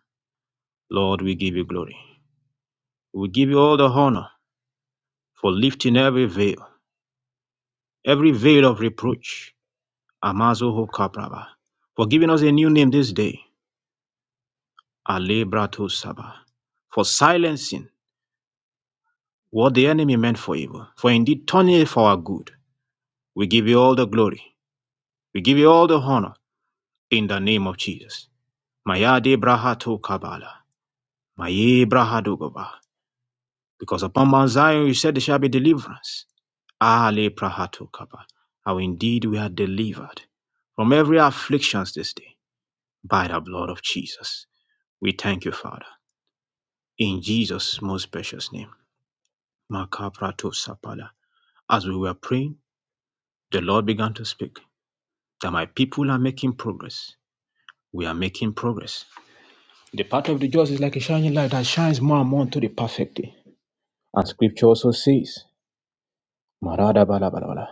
Lord, we give you glory. We give you all the honor for lifting every veil. every veil of reproach. Amazo ho kapraba. For giving us a new name this day. Alebrato saba. For silencing what the enemy meant for evil. For indeed turning it for our good. We give you all the glory. We give you all the honor in the name of Jesus. Mayade brahato kabala. Maye brahado Because upon Mount Zion you said there shall be deliverance. Ale prahato kaba. How indeed we are delivered from every afflictions this day by the blood of Jesus. We thank you, Father, in Jesus' most precious name. Makaprato Sapala. As we were praying, the Lord began to speak that my people are making progress. We are making progress. The path of the just is like a shining light that shines more and more unto the perfect day. And scripture also says, Marada bala bala bala.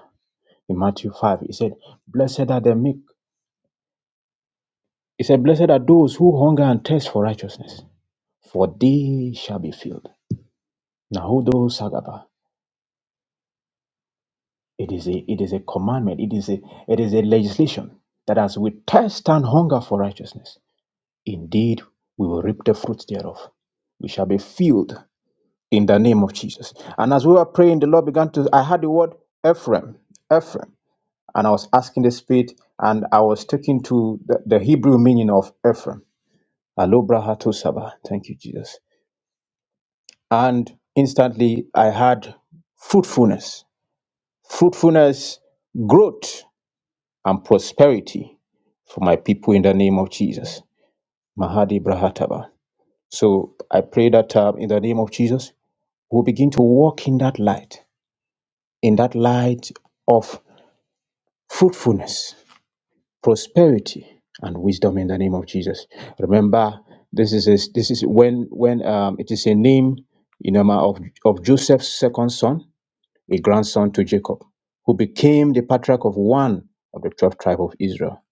In Matthew 5, he said, Blessed are the meek. He said, Blessed are those who hunger and thirst for righteousness, for they shall be filled. Nahudo Sagaba. It is a it is a commandment. It is a it is a legislation that as we thirst and hunger for righteousness, indeed we will reap the fruits thereof. We shall be filled in the name of Jesus. And as we were praying, the Lord began to I had the word Ephraim, Ephraim, and I was asking the Spirit, and I was taking to the, the Hebrew meaning of Ephraim. Alobra hato Sabah. Thank you, Jesus. And instantly I had fruitfulness, fruitfulness, growth. and prosperity for my people in the name of Jesus. Mahadi Brahataba. So I pray that uh, in the name of Jesus, we'll begin to walk in that light, in that light of fruitfulness, prosperity, and wisdom in the name of Jesus. Remember, this is a, this is when when um, it is a name in honor of of Joseph's second son, a grandson to Jacob, who became the patriarch of one of the twelve tribes of Israel.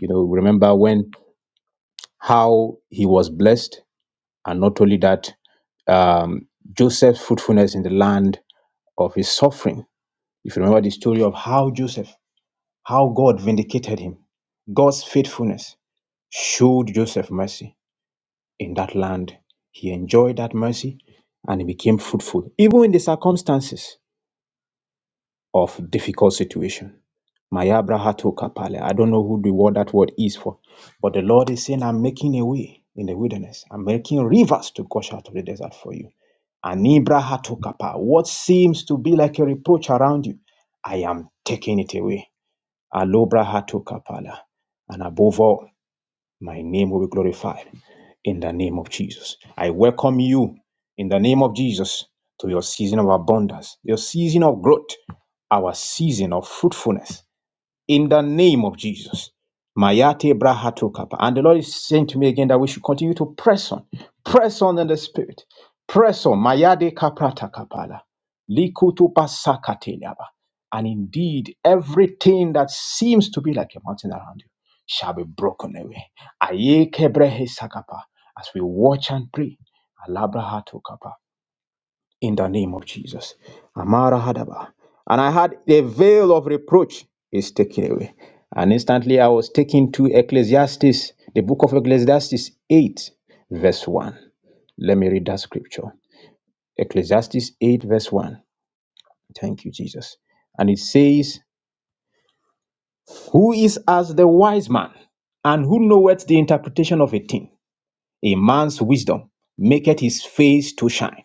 You know, remember when how he was blessed, and not only that, um, Joseph's fruitfulness in the land of his suffering. If you remember the story of how Joseph, how God vindicated him, God's faithfulness showed Joseph mercy in that land. He enjoyed that mercy and he became fruitful, even in the circumstances of difficult situation. Mayabra Hatoka Pale. I don't know who the word that word is for, but the Lord is saying, I'm making a way in the wilderness. I'm making rivers to gush out of the desert for you. Anibra Hatoka Pa. What seems to be like a reproach around you, I am taking it away. Alobra Hatoka Pala. And above all, my name will be glorified in the name of Jesus. I welcome you in the name of Jesus to your season of abundance, your season of growth, our season of fruitfulness in the name of Jesus. Mayate brahatokapa. And the Lord is saying to me again that we should continue to press on, press on in the spirit, press on. Mayade kaprata kapala, likutu pasakatelaba. And indeed, everything that seems to be like a mountain around you shall be broken away. Aye kebrehe sakapa. As we watch and pray, alabrahatukapa in the name of Jesus. Amara Hadaba. And I had the veil of reproach is taken away. And instantly I was taken to Ecclesiastes, the book of Ecclesiastes 8, verse 1. Let me read that scripture. Ecclesiastes 8, verse 1. Thank you, Jesus. And it says, Who is as the wise man, and who knoweth the interpretation of a thing? A man's wisdom maketh his face to shine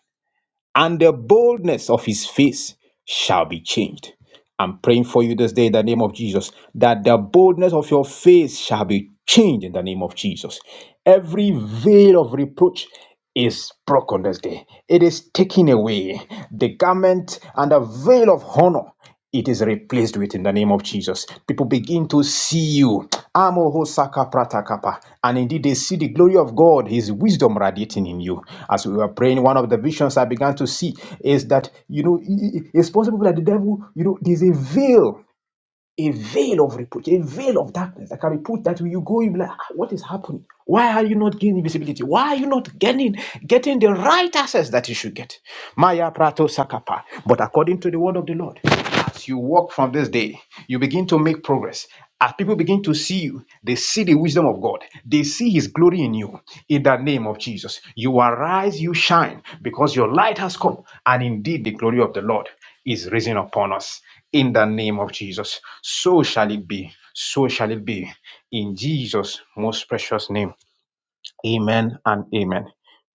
and the boldness of his face shall be changed. I'm praying for you this day in the name of Jesus that the boldness of your face shall be changed in the name of Jesus. Every veil of reproach is broken this day, it is taken away. The garment and the veil of honor it is replaced with in the name of Jesus. People begin to see you. Amo hosaka pratakapa. And indeed, they see the glory of God, His wisdom radiating in you. As we were praying, one of the visions I began to see is that, you know, it's possible that the devil, you know, there's a veil, a veil of reproach, a veil of darkness that can be put that when you go, you be like, "Ah, what is happening? Why are you not gaining visibility? Why are you not getting getting the right access that you should get? Maya prato sakapa. But according to the word of the Lord, as you walk from this day, you begin to make progress. As people begin to see you, they see the wisdom of God. They see His glory in you. In the name of Jesus, you arise, you shine, because your light has come, and indeed the glory of the Lord is risen upon us. In the name of Jesus, so shall it be. So shall it be. In Jesus' most precious name. Amen and amen.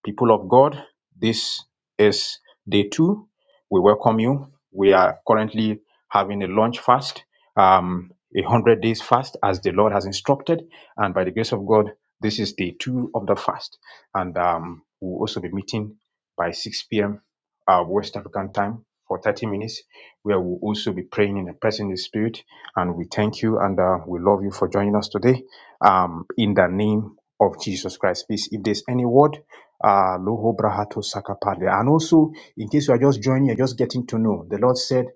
People of God, this is day two. We welcome you. We are currently having a launch fast, um, a hundred days fast, as the Lord has instructed, and by the grace of God, this is day two of the fast, and um, we'll also be meeting by 6 p.m. Uh, West African time for 30 minutes, where we'll also be praying in the presence of the Spirit, and we thank you and uh, we love you for joining us today. Um, in the name of Jesus Christ. Please, if there's any word, uh, Loho Brahato Sakapade. And also, in case you are just joining, you're just getting to know, the Lord said,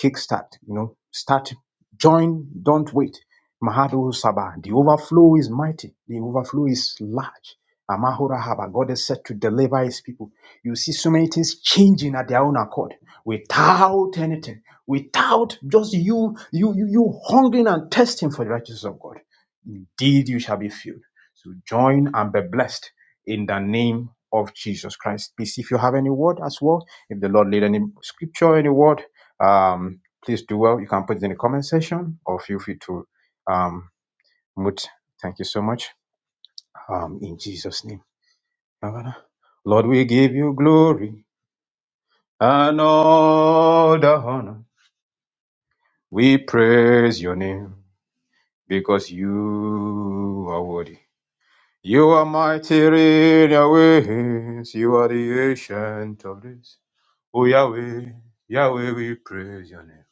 kickstart, you know, start, join, don't wait. Mahado Saba, the overflow is mighty, the overflow is large. Amahora Haba, God is set to deliver his people. You see so many things changing at their own accord without anything, without just you, you, you, you hungering and testing for the righteousness of God. Indeed, you shall be filled. So join and be blessed in the name of Jesus Christ. Please, if you have any word as well, if the Lord laid any scripture, any word, um, please do well. You can put it in the comment section or feel free to um, mute. Thank you so much. Um, in Jesus' name. Father, Lord, we give you glory and all the honor. We praise your name because you are worthy. You are mighty in your ways. You are the ancient of days. Oh, Yahweh, Yahweh, we praise your name.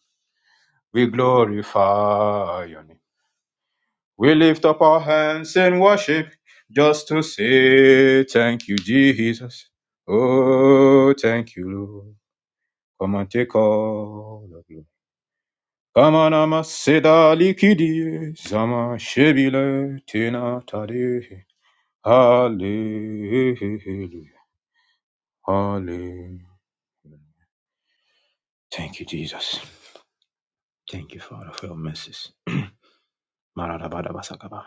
We glorify your name. We lift up our hands in worship just to say thank you, Jesus. Oh, thank you, Lord. Come and take all the glory. Come on, ama seda likidi zama shebile tina tade. Hallelujah. Hallelujah. Thank you, Jesus. Thank you, Father, for your mercies. Maradabadabasakaba.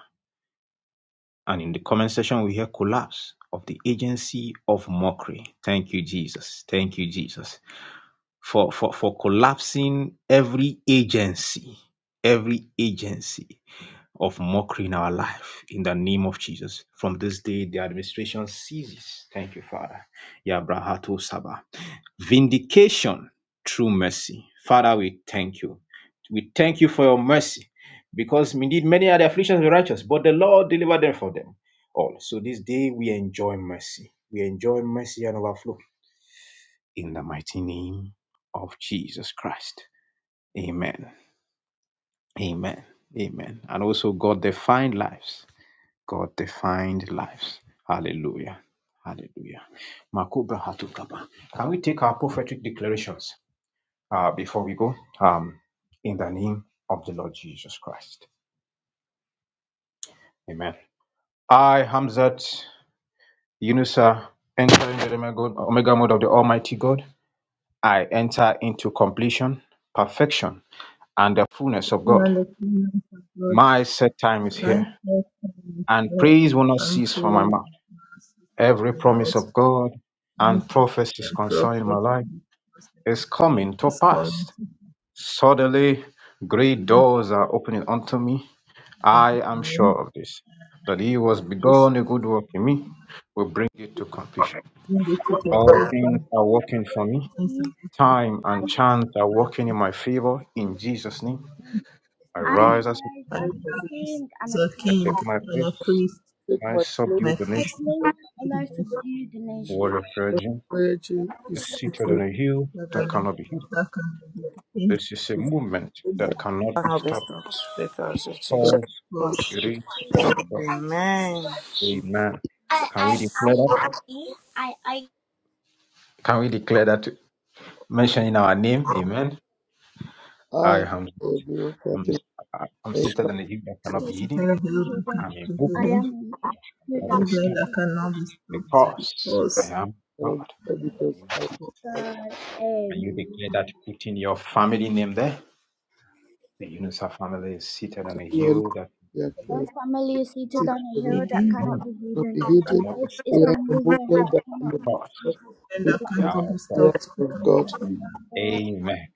And in the comment section, we hear collapse of the agency of mockery. Thank you, Jesus. Thank you, Jesus. For, for, for collapsing every agency, every agency of mockery in our life in the name of Jesus. From this day, the administration ceases. Thank you, Father. Yabrahato Saba. Vindication through mercy. Father, we thank you. We thank you for your mercy because indeed many are the afflictions of the righteous, but the Lord delivered them from them all. So this day we enjoy mercy. We enjoy mercy and overflow in the mighty name of Jesus Christ. Amen. Amen. Amen. And also, God defined lives. God defined lives. Hallelujah. Hallelujah. Makubra hatukaba. Can we take our prophetic declarations uh, before we go? Um, in the name of the Lord Jesus Christ. Amen. I, Hamzat Yunusa, enter into the Omega Omega mode of the Almighty God. I enter into completion, perfection, and the fullness of God. Thank you. My set time is Nice here, working and for praise will not cease from my unfold mouth. Every and promise Lord's of God and promise of good prophecies and concerning my life progress in is my life coming to is coming pass. to Suddenly, great fruition doors are opening unto me. in us I am now. sure of this, that he was This begun a good work in me will bring it to completion. beautiful All things completion are working for me. of salvation Time and chance are working in my favor. In Jesus' name, I now. rise as I rise as a I take king my and a place priest and I of subdue my the Christ nation. to the nations Warrior Prayer Gym it. is It's seated on secret. a hill that I that may cannot be know hid. that can be defeated This is a movement in the that cannot be at stopped because close. it is It of God. is Amen. I Can I I we declare that? I I I. Can we declare that mention in our name? Amen. I I am will be I'm, working. I'm seated in a hill that cannot be a hidden. terrible that I'm cannot in be movement hidden, at this movement step that cannot be stopped because I because. am God. And I'm sure because In the name of Jesus. I And you declare that put in your family name there. The Unisa family is seated on a continually hill that we cannot have be hidden. uh, seen We are a Begin move that we cannot be that hidden. cannot be We stopped have a movement that cannot because and be that stopped we because are cannot of be we God. have stopped. I of God. Amen.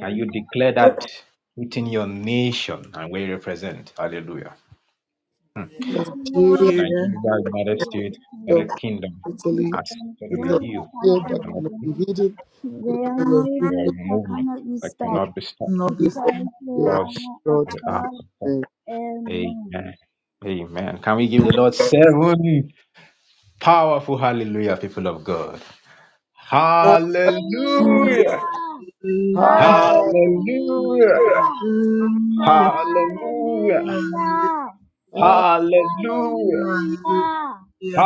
Can you declare that within your nation and where you represent? Hallelujah. Nigeria, Nigeria, Nigeria, United States, South United Kingdom Italy, are seated on you a Italy hill here that that cannot cannot be be hidden. We have a movement a of movement that cannot be stopped cannot be people. stopped. We have because God. we are better. Amen. Amen. Amen. Can we give the Lord seven powerful hallelujah, people of God? Hallelujah. Hallelujah, Ah, Hallelujah. Hallelujah. ah, Hallelujah. hallelujah,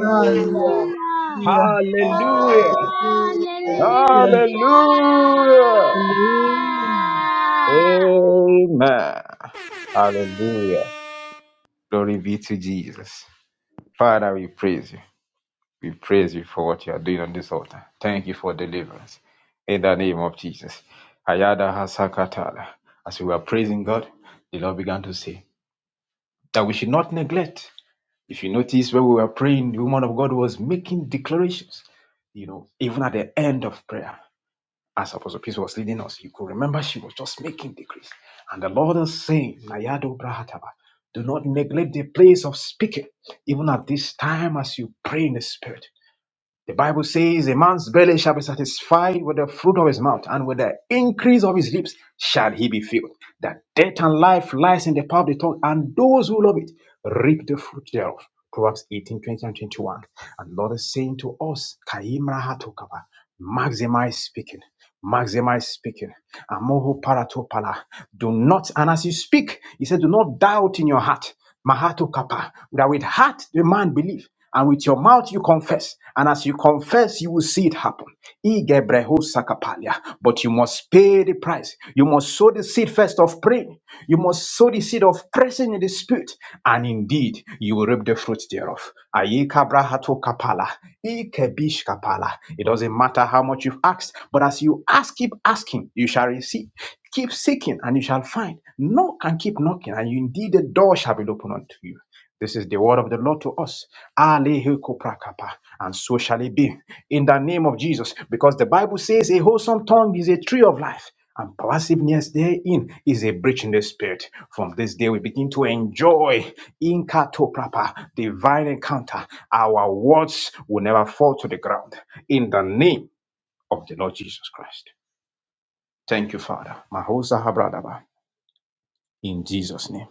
hallelujah, hallelujah, Hallelujah. yes, Hallelujah. hallelujah, Amen. Hallelujah. Glory be to Jesus. Father, we praise you. We praise you for what you are doing on this altar. Thank you for deliverance. In the name of Jesus. Ayada Hasakatala. As we were praising God, the Lord began to say that we should not neglect. If you notice when we were praying, the woman of God was making declarations, you know, even at the end of prayer. as Apostle Peace was leading us, you could remember she was just making decrees. And the Lord is saying, Nayado Brahataba, do not neglect the place of speaking, even at this time as you pray in the Spirit. The Bible says, A man's belly shall be satisfied with the fruit of his mouth, and with the increase of his lips shall he be filled. That death and life lies in the power of the tongue, and those who love it reap the fruit thereof. Proverbs 18, twenty, and 21. And Lord is saying to us, Kaimra Hatokaba, maximize speaking. Maxima is speaking. Amoho paratopala. Do not, and as you speak, he said, do not doubt in your heart. Mahato kapa. That with heart the man believe, and with your mouth you confess. And as you confess, you will see it happen. Igebreho sakapalia. But you must pay the price. You must sow the seed first of prayer pray, you must sow the seed of pressing in the spirit, and indeed you will reap the fruit thereof. Ayika brahato kapala, ikebish kapala. It doesn't matter how much you've asked, but as you ask, keep asking, you shall receive. Keep seeking, and you shall find. Knock and keep knocking, and indeed the door shall be opened unto you. This is the word of the Lord to us. Alehikoprakapa. And so shall it be in the name of Jesus. Because the Bible says a wholesome tongue is a tree of life. And passiveness therein is a breach in the spirit. From this day, we begin to enjoy in prapa, divine encounter. Our words will never fall to the ground. In the name of the Lord Jesus Christ. Thank you, Father. Mahosa Habradaba. In Jesus' name.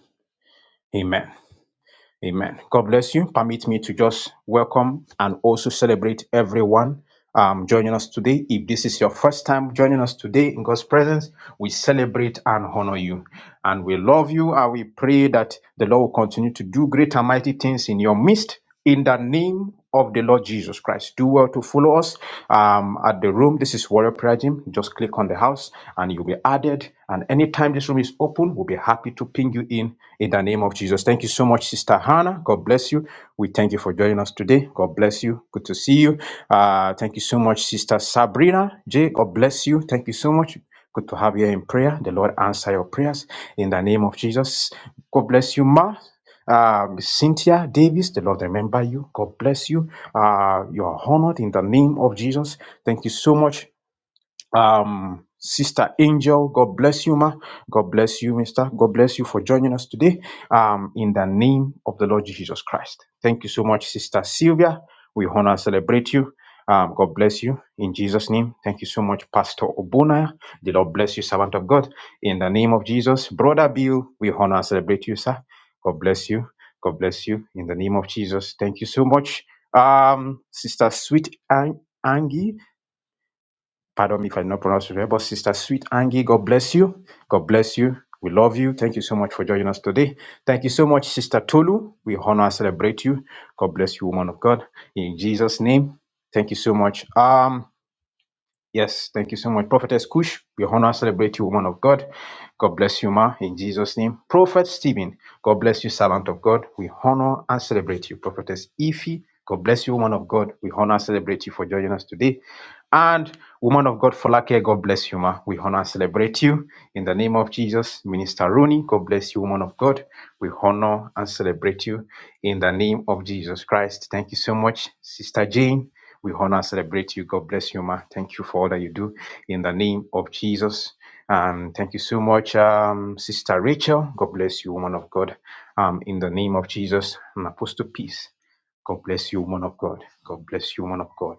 Amen. Amen. God bless you. Permit me to just welcome and also celebrate everyone um, joining us today. If this is your first time joining us today in God's presence, we celebrate and honor you. And we love you and we pray that the Lord will continue to do great and mighty things in your midst in the name of the Lord Jesus Christ. Do well to follow us um, at the room. This is Warrior Prayer Gym. Just click on the house and you'll be added. And anytime this room is open, We'll be happy to ping you in in the name of Jesus. Thank you so much, Sister Hannah. God bless you. We thank you for joining us today. God bless you. Good to see you. Uh, thank you so much, Sister Sabrina J. God bless you. Thank you so much. Good to have you in prayer. The Lord answer your prayers in the name of Jesus. God bless you, Ma. Um, Cynthia Davis, the Lord remember you. God bless you. Uh, you are honored in the name of Jesus. Thank you so much um sister angel god bless you ma god bless you mister god bless you for joining us today um in the name of the lord jesus christ thank you so much sister sylvia we honor and celebrate you um, God bless you in Jesus' name. Thank you so much, Pastor Obuna. The Lord bless you, servant of God. In the name of Jesus, Brother Bill, we honor and celebrate you, sir. God bless you. God bless you in the name of Jesus. Thank you so much, um, Sister Sweet Ang- Angie. Pardon me if I did not pronounce it well, but Sister Sweet Angie, God bless you. God bless you. We love you. Thank you so much for joining us today. Thank you so much, Sister Tolu. We honor and celebrate you. God bless you, woman of God. In Jesus' name, thank you so much. Um, yes, thank you so much, Prophetess Kush. We honor and celebrate you, woman of God. God bless you, ma. In Jesus' name, Prophet Stephen. God bless you, servant of God. We honor and celebrate you, Prophetess Ify. God bless you, woman of God. We honor and celebrate you for joining us today. And woman of God, Folake, God bless you, ma. We honor and celebrate you in the name of Jesus. Minister Rooney, God bless you, woman of God. We honor and celebrate you in the name of Jesus Christ. Thank you so much, Sister Jane. We honor and celebrate you. God bless you, ma. Thank you for all that you do in the name of Jesus. Um, thank you so much, um, Sister Rachel. God bless you, woman of God. Um, in the name of Jesus, and Apostle Peace. God bless you, woman of God. God bless you, woman of God.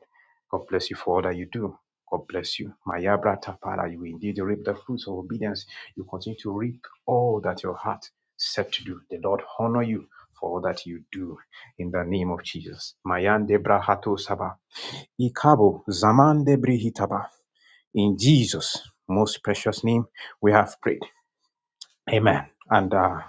God bless you for all that you do. God bless you. Mayabra Tapara, you indeed reap the fruits of obedience. You continue to reap all that your heart set to do. The Lord honor you for all that you do in the name of Jesus. Mayande Brahato Saba. Ikabo Zamande Brihitaba. In Jesus' most precious name, we have prayed. Amen. And uh,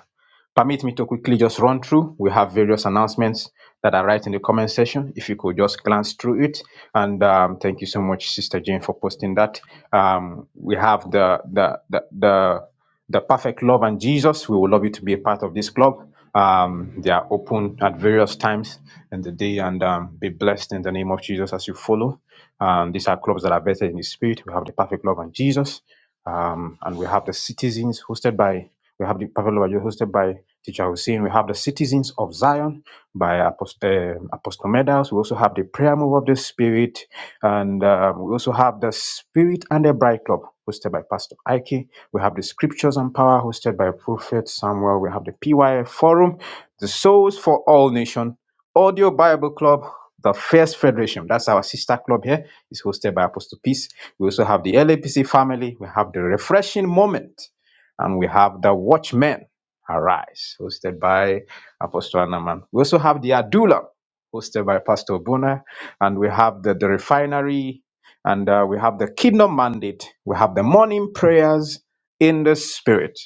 Permit me to quickly just run through. We have various announcements that are right in the comment section. If you could just glance through it. And um, thank you so much, Sister Jane, for posting that. Um, we have the the the the, the perfect love and Jesus. We would love you to be a part of this club. Um, they are open at various times in the day and um, be blessed in the name of Jesus as you follow. Um, these are clubs that are better in the spirit. We have the perfect love and Jesus. Um, and we have the citizens hosted by we have the perfect love. Pavlova hosted by teacher we Hussein. We have the Citizens of Zion by Apost- um Apostle Medals. We also have the Prayer Move of the Spirit. And um, we also have the Spirit and the Bride Club hosted by Pastor Ike. We have the Scriptures and Power hosted by Prophet Samuel. We have the PYF Forum, the Souls for All Nation, Audio Bible Club, the First Federation. That's our sister club here. It's hosted by Apostle Peace. We also have the LAPC family. We have the Refreshing Moment. And we have the Watchmen. Arise, hosted by Apostle Anaman. We also have the Adula, hosted by Pastor Bona, and we have the, the refinery, and uh, we have the Kingdom Mandate. We have the morning prayers in the Spirit,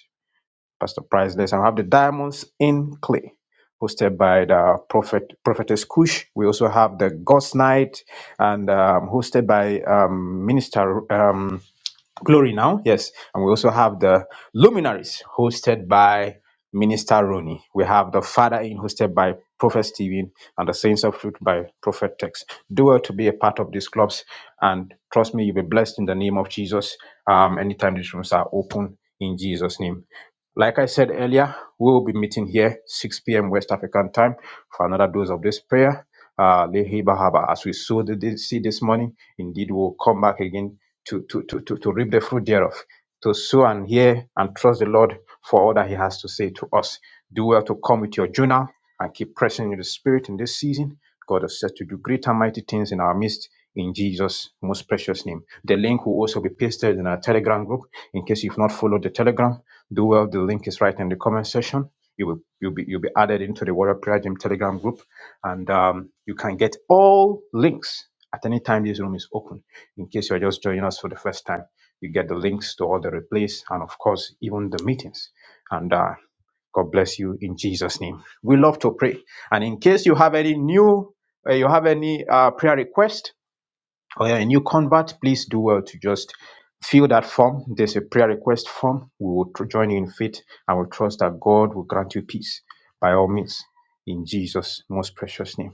Pastor Priceless, and we have the Diamonds in Clay, hosted by the Prophet Prophetess Kush. We also have the Ghost Night, and um, hosted by um, Minister. Um, Glory now, yes. And we also have the luminaries hosted by Minister Rooney. We have the Father in hosted by Prophet Stephen and the Saints of Truth by Prophet Tex. Do well to be a part of these clubs and trust me, you'll be blessed in the name of Jesus. Um, anytime these rooms are open in Jesus' name. Like I said earlier, we will be meeting here 6 p.m. West African time for another dose of this prayer. Uh, Lehi Bahaba, as we saw the seed this morning, indeed we'll come back again to, to, to, to, to reap the fruit thereof, to sow and hear and trust the Lord for all that He has to say to us. Do well to come with your journal and keep pressing in the Spirit in this season. God has said to do great and mighty things in our midst in Jesus' most precious name. The link will also be pasted in our Telegram group. In case you've not followed the Telegram, do well. The link is right in the comment section. You will you'll be you'll be added into the Warrior Prayer Gym Telegram group, and um, you can get all links at any time this room is open in case you're just joining us for the first time, you get the links to all the replays and, of course, even the meetings. And uh, God bless you in Jesus' name. We love to pray. And in case you have any new, uh, you have any uh, prayer request or you're a new convert, please do well to just fill that form. There's a prayer request form. We will tr- join you in faith and we trust that God will grant you peace by all means in Jesus' most precious name.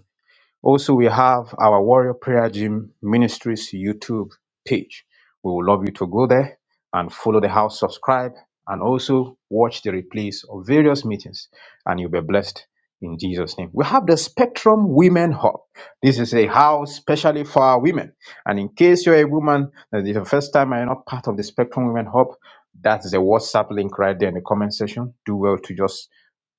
Also, we have our Warrior Prayer Gym Ministries YouTube page. We would love you to go there and follow the house, subscribe, and also watch the replays of various meetings, and you'll be blessed in Jesus' name. We have the Spectrum Women Hub. This is a house specially for our women. And in case you're a woman, that is the first time I'm not part of the Spectrum Women Hub, that's the WhatsApp link right there in the comment section. Do well to just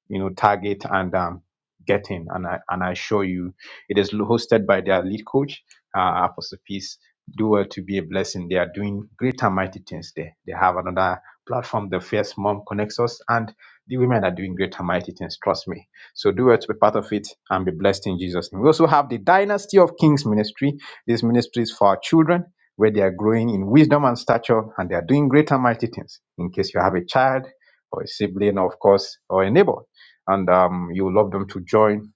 you know, Target and um, get in, And I and I assure you, it is hosted by their lead coach, uh, Apostle Peace. Do well to be a blessing. They are doing great and mighty things there. They have another platform, the Fierce Mom Connects Us, and the women are doing great and mighty things. Trust me. So do well to be part of it and be blessed in Jesus' name. We also have the Dynasty of Kings ministry. This ministry is for our children where they are growing in wisdom and stature and they are doing great and mighty things. In case you have a child or a sibling, of course, or a neighbor and um, you will love them to join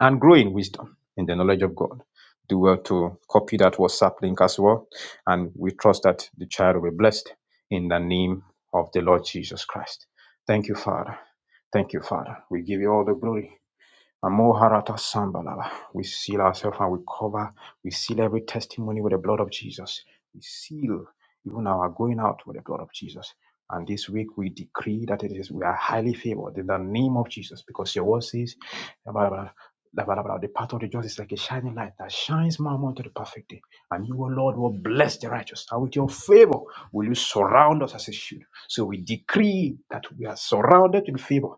and grow in wisdom in the knowledge of God. Do well to copy that WhatsApp link as well. And we trust that the child will be blessed in the name of the Lord Jesus Christ. Thank you, Father. Thank you, Father. We give you all the glory. Amoharata Sambalala. We seal ourselves and we cover. We seal every testimony with the blood of Jesus. We seal even our going out with the blood of Jesus. And this week we decree that it is we are highly favored in the name of Jesus because your word says about, the path of the just is like a shining light that shines more and more to the perfect day. And you, O Lord, will bless the righteous. And with your favor will you surround us as a shield. So we decree that we are surrounded in favor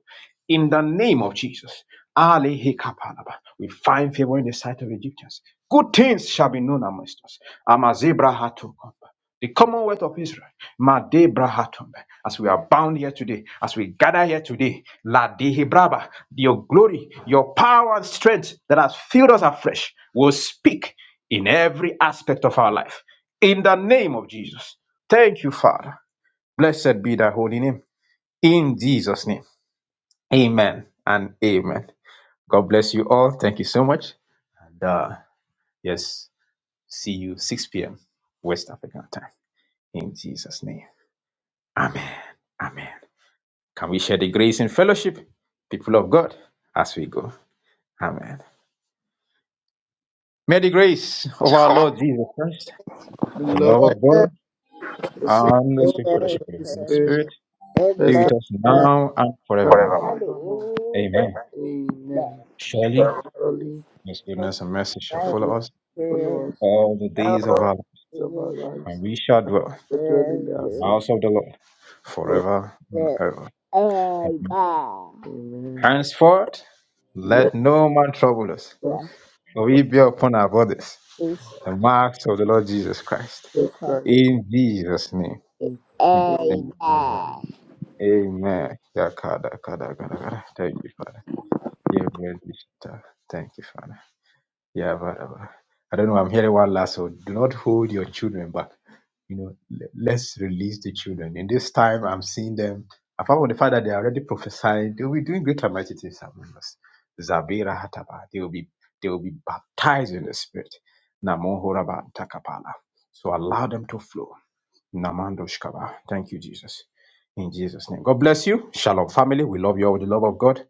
in the name of Jesus. Ali Hikapalaba. We find favor in the sight of Egyptians. Good things shall be known amongst us. Amazebra Hatukomba. The Commonwealth of Israel. Madebra Hatumba. As we are bound here today, as we gather here today, La Dehibraba, your glory, your power and strength that has filled us afresh will speak in every aspect of our life. In the name of Jesus. Thank you, Father. Blessed be thy holy name. In Jesus' name. Amen and amen. God bless you all. Thank you so much. And uh, yes, see you 6 p.m. West African time. In Jesus' name. Amen. Amen. Can we share the grace and fellowship, people of God, as we go? Amen. May the grace of our Lord Jesus Christ, the the love love of of God, God, the sweet and the sweet fellowship fellowship of of the the Holy Spirit, Spirit rest upon be with us us now and now and forevermore. forevermore. Amen. Amen. Amen. Surely, Amen. Surely. His goodness and mercy shall Life is good. follow us Followers all the Oh, of days our of our yes, lives, and we shall dwell the dwelling yes, in house yes. the of house of the Lord God. forever and yes, ever. Amen. yes. Amen. Amen. Henceforth, Let let no man trouble us, Yes, for we bear upon our bodies us yes, the marks of the Lord Jesus Christ. of yes. Christ In Jesus' name. be. Amen. Amen. Amen. Amen. Yakada, kada, kada, kada. Thank you, Father. Amen. Thank you, Father. Yeah, but uh, I don't know. I'm hearing one last. So do not hold your children back. You know, le- let's release the children. In this time, I'm seeing them. Apart from the fact that they are already prophesying, they will be doing great and mighty things among us. Zabira hataba. They will be they will be baptized in the spirit. Namo horaba takapala. So allow them to flow. Namandoshkaba. Thank you, Jesus. In Jesus' name. God bless you. Shalom, family. We love you all with the love of God.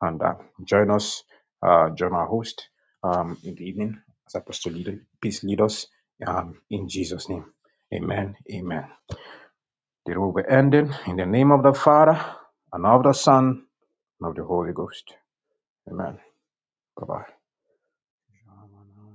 And uh, join us, uh, join our host um, in the evening as Apostle leader, Peace leaders um, in Jesus' name. Amen. Amen. The room will be ending in the name of the Father and of the Son and of the Holy Ghost. Amen. Bye bye.